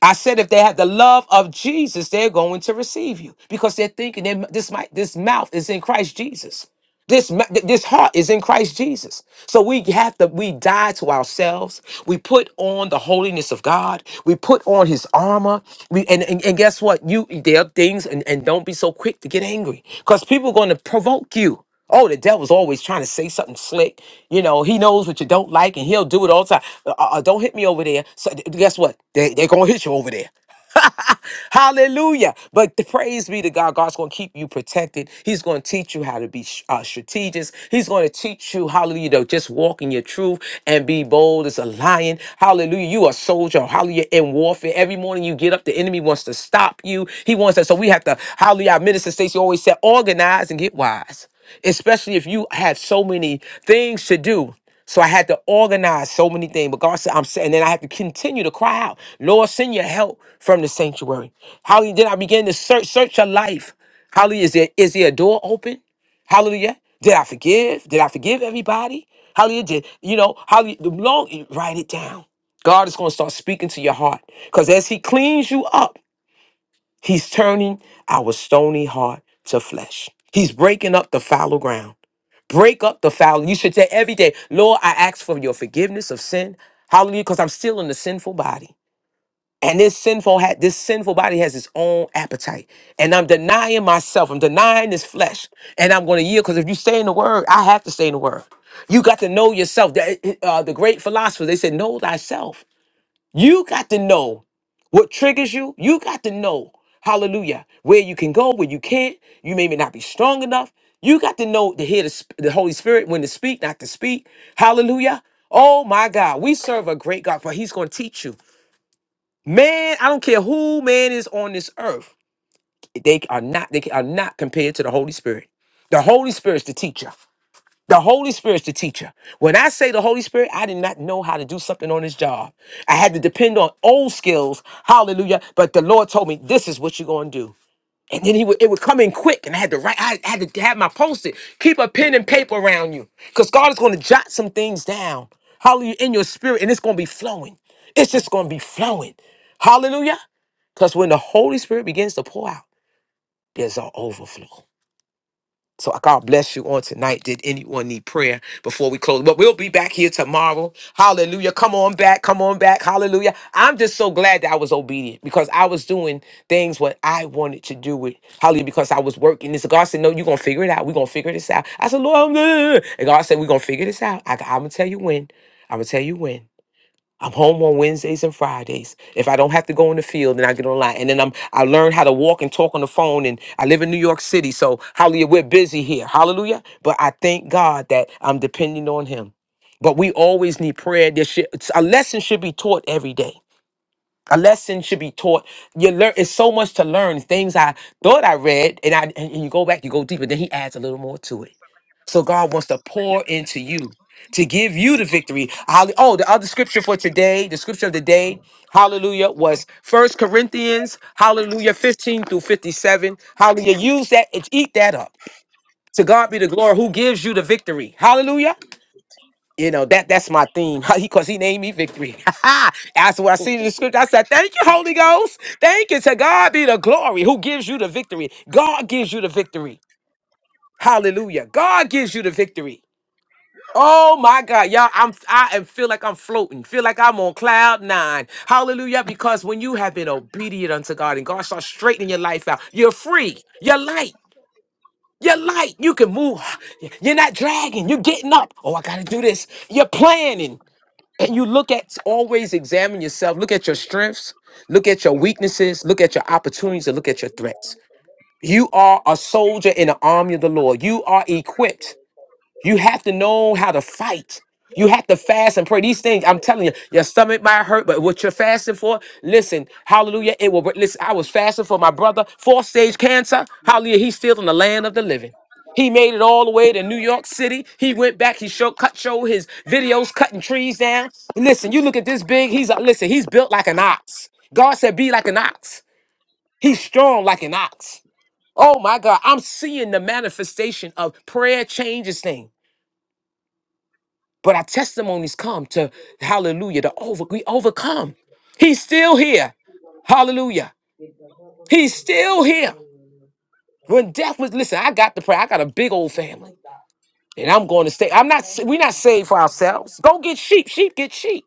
Speaker 1: i said if they have the love of jesus they're going to receive you because they're thinking they, this might this mouth is in christ jesus this, ma- th- this heart is in Christ Jesus. So we have to, we die to ourselves. We put on the holiness of God. We put on his armor. We and, and, and guess what? You there are things and, and don't be so quick to get angry. Because people are gonna provoke you. Oh, the devil's always trying to say something slick. You know, he knows what you don't like and he'll do it all the time. Uh, uh, uh, don't hit me over there. So th- guess what? They, they're gonna hit you over there. Hallelujah. But the praise be to God. God's going to keep you protected. He's going to teach you how to be uh, strategic. He's going to teach you, hallelujah, to just walk in your truth and be bold as a lion. Hallelujah. You are a soldier. Hallelujah. In warfare. Every morning you get up, the enemy wants to stop you. He wants that. So we have to, hallelujah. Our minister Stacy always said, organize and get wise, especially if you have so many things to do. So I had to organize so many things. But God said, I'm saying, and then I had to continue to cry out, Lord, send your help from the sanctuary. Hallelujah. Then I began to search, search your life. Hallelujah. Is there is there a door open? Hallelujah. Did I forgive? Did I forgive everybody? Hallelujah. Did you know? Hallelujah. The long write it down. God is going to start speaking to your heart. Because as He cleans you up, He's turning our stony heart to flesh. He's breaking up the fallow ground. Break up the foul. You should say every day, Lord, I ask for your forgiveness of sin. Hallelujah, because I'm still in the sinful body. And this sinful ha- this sinful body has its own appetite. And I'm denying myself. I'm denying this flesh. And I'm going to yield because if you stay in the word, I have to stay in the word. You got to know yourself. The, uh, the great philosophers, they said, know thyself. You got to know what triggers you. You got to know, hallelujah, where you can go, where you can't. You may not be strong enough. You got to know to hear the, sp- the Holy Spirit when to speak, not to speak. Hallelujah. Oh my God, we serve a great God, for He's going to teach you. Man, I don't care who man is on this earth. They are not, they are not compared to the Holy Spirit. The Holy Spirit's the teacher. The Holy Spirit's the teacher. When I say the Holy Spirit, I did not know how to do something on this job. I had to depend on old skills. Hallelujah. But the Lord told me, this is what you're going to do. And then he would, it would come in quick, and I had to write, I had to have my post-it. Keep a pen and paper around you. Because God is going to jot some things down. Hallelujah. In your spirit, and it's going to be flowing. It's just going to be flowing. Hallelujah. Because when the Holy Spirit begins to pour out, there's an overflow. So God bless you on tonight. Did anyone need prayer before we close? But we'll be back here tomorrow. Hallelujah. Come on back. Come on back. Hallelujah. I'm just so glad that I was obedient because I was doing things what I wanted to do with Hallelujah because I was working this. God said, No, you're going to figure it out. We're going to figure this out. I said, Lord, I'm good. And God said, We're going to figure this out. I, I'm going to tell you when. I'm going to tell you when. I'm home on Wednesdays and Fridays. If I don't have to go in the field, then I get online. And then I'm I learn how to walk and talk on the phone. And I live in New York City. So hallelujah, we're busy here. Hallelujah. But I thank God that I'm depending on him. But we always need prayer. There should, a lesson should be taught every day. A lesson should be taught. You learn it's so much to learn. Things I thought I read, and I and and you go back, you go deeper, then he adds a little more to it. So God wants to pour into you to give you the victory. Hall- Oh, the other scripture for today, the scripture of the day, hallelujah, was First Corinthians, hallelujah, 15 through 57. Hallelujah. Use that, it's- eat that up. To God be the glory who gives you the victory. Hallelujah. You know, that that's my theme. Because he named me victory. That's what I see in the scripture. I said, Thank you, Holy Ghost. Thank you. To God be the glory who gives you the victory. God gives you the victory. Hallelujah. God gives you the victory. Oh my God, y'all! I'm I am feel like I'm floating. Feel like I'm on cloud nine. Hallelujah! Because when you have been obedient unto God and God starts straightening your life out, you're free. You're light. You're light. You can move. You're not dragging. You're getting up. Oh, I gotta do this. You're planning, and you look at always examine yourself. Look at your strengths. Look at your weaknesses. Look at your opportunities, and look at your threats. You are a soldier in the army of the Lord. You are equipped. You have to know how to fight. You have to fast and pray. These things, I'm telling you, your stomach might hurt, but what you're fasting for, listen, hallelujah, it will. Listen, I was fasting for my brother, fourth stage cancer. Hallelujah, he's still in the land of the living. He made it all the way to New York City. He went back. He showed cut show his videos cutting trees down. Listen, you look at this big. He's a, listen. He's built like an ox. God said, "Be like an ox." He's strong like an ox. Oh my God! I'm seeing the manifestation of prayer changes things. But our testimonies come to hallelujah, to over we overcome. He's still here. Hallelujah.
Speaker 2: with the whole
Speaker 1: He's
Speaker 2: authority
Speaker 1: still here.
Speaker 2: before you.
Speaker 1: When death was listen, I got the prayer. I got a big old
Speaker 2: Now, this
Speaker 1: family.
Speaker 2: is the
Speaker 1: And I'm going to stay. I'm not we're not saved for ourselves. Go get sheep. Sheep get sheep.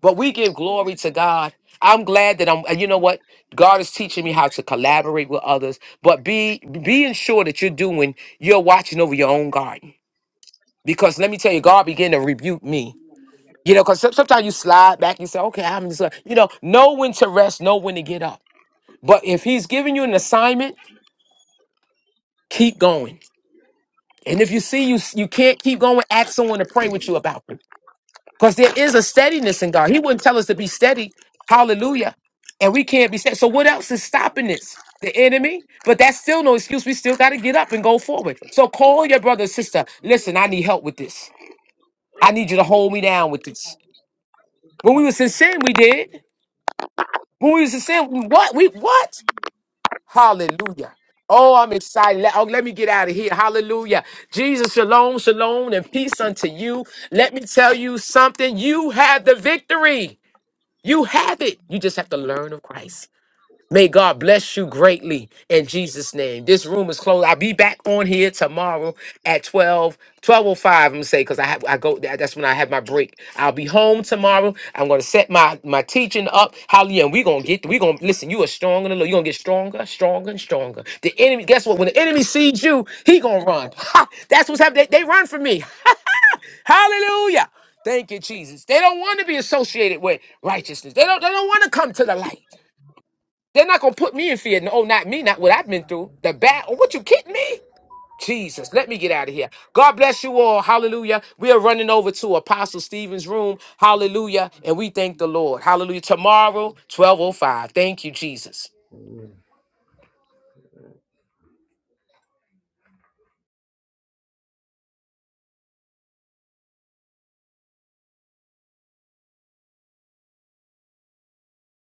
Speaker 1: But we give glory to God. I'm glad that I'm and you know what? God is teaching me how to collaborate with others, but be being sure that you're doing, you're watching over your own garden. Because let me tell you, God began to rebuke me You know, because sometimes you slide back, and say, okay, I'm just, uh," you know, know when to rest, know when to get up. But if he's giving you an assignment, keep going. And if you see you you can't keep going, ask someone to pray with you about it. Because there is a steadiness in God. He wouldn't tell us to be steady. Hallelujah. And we can't be steady. So what else is stopping this? The enemy? But that's still no excuse. We still got to get up and go forward. So call your brother or sister. Listen, I need help with this. I need you to hold me down with this. When we was in sin, we did. When we used to say, what? We what? Hallelujah. Oh, I'm excited. Let, oh, let me get out of here. Hallelujah. Jesus, shalom, shalom, and peace unto you. Let me tell you something. You have the victory. You have it. You just have to learn of Christ. May God bless you greatly in Jesus' name. This room is closed. I'll be back on here tomorrow at twelve twelve oh five, I'm gonna say, because I have I go that- that's when I have my break. I'll be home tomorrow. I'm gonna set my my teaching up. Hallelujah. And we're gonna get we're gonna listen, you are strong in the Lord. You're gonna get stronger, stronger, and stronger. The enemy, guess what? When the enemy sees you, he gonna run. Ha! that's what's happening. They, they run from me. Hallelujah. Thank you, Jesus. They don't want to be associated with righteousness. They don't, they don't want to come to the light. They're not gonna put me in fear. No, not me, not what I've been through. The bad. Oh, what you kidding me? Jesus, let me get out of here. God bless you all. Hallelujah. We are running over to Apostle Stephen's room. Hallelujah. And we thank the Lord. Hallelujah. Tomorrow, 1205. Thank you, Jesus.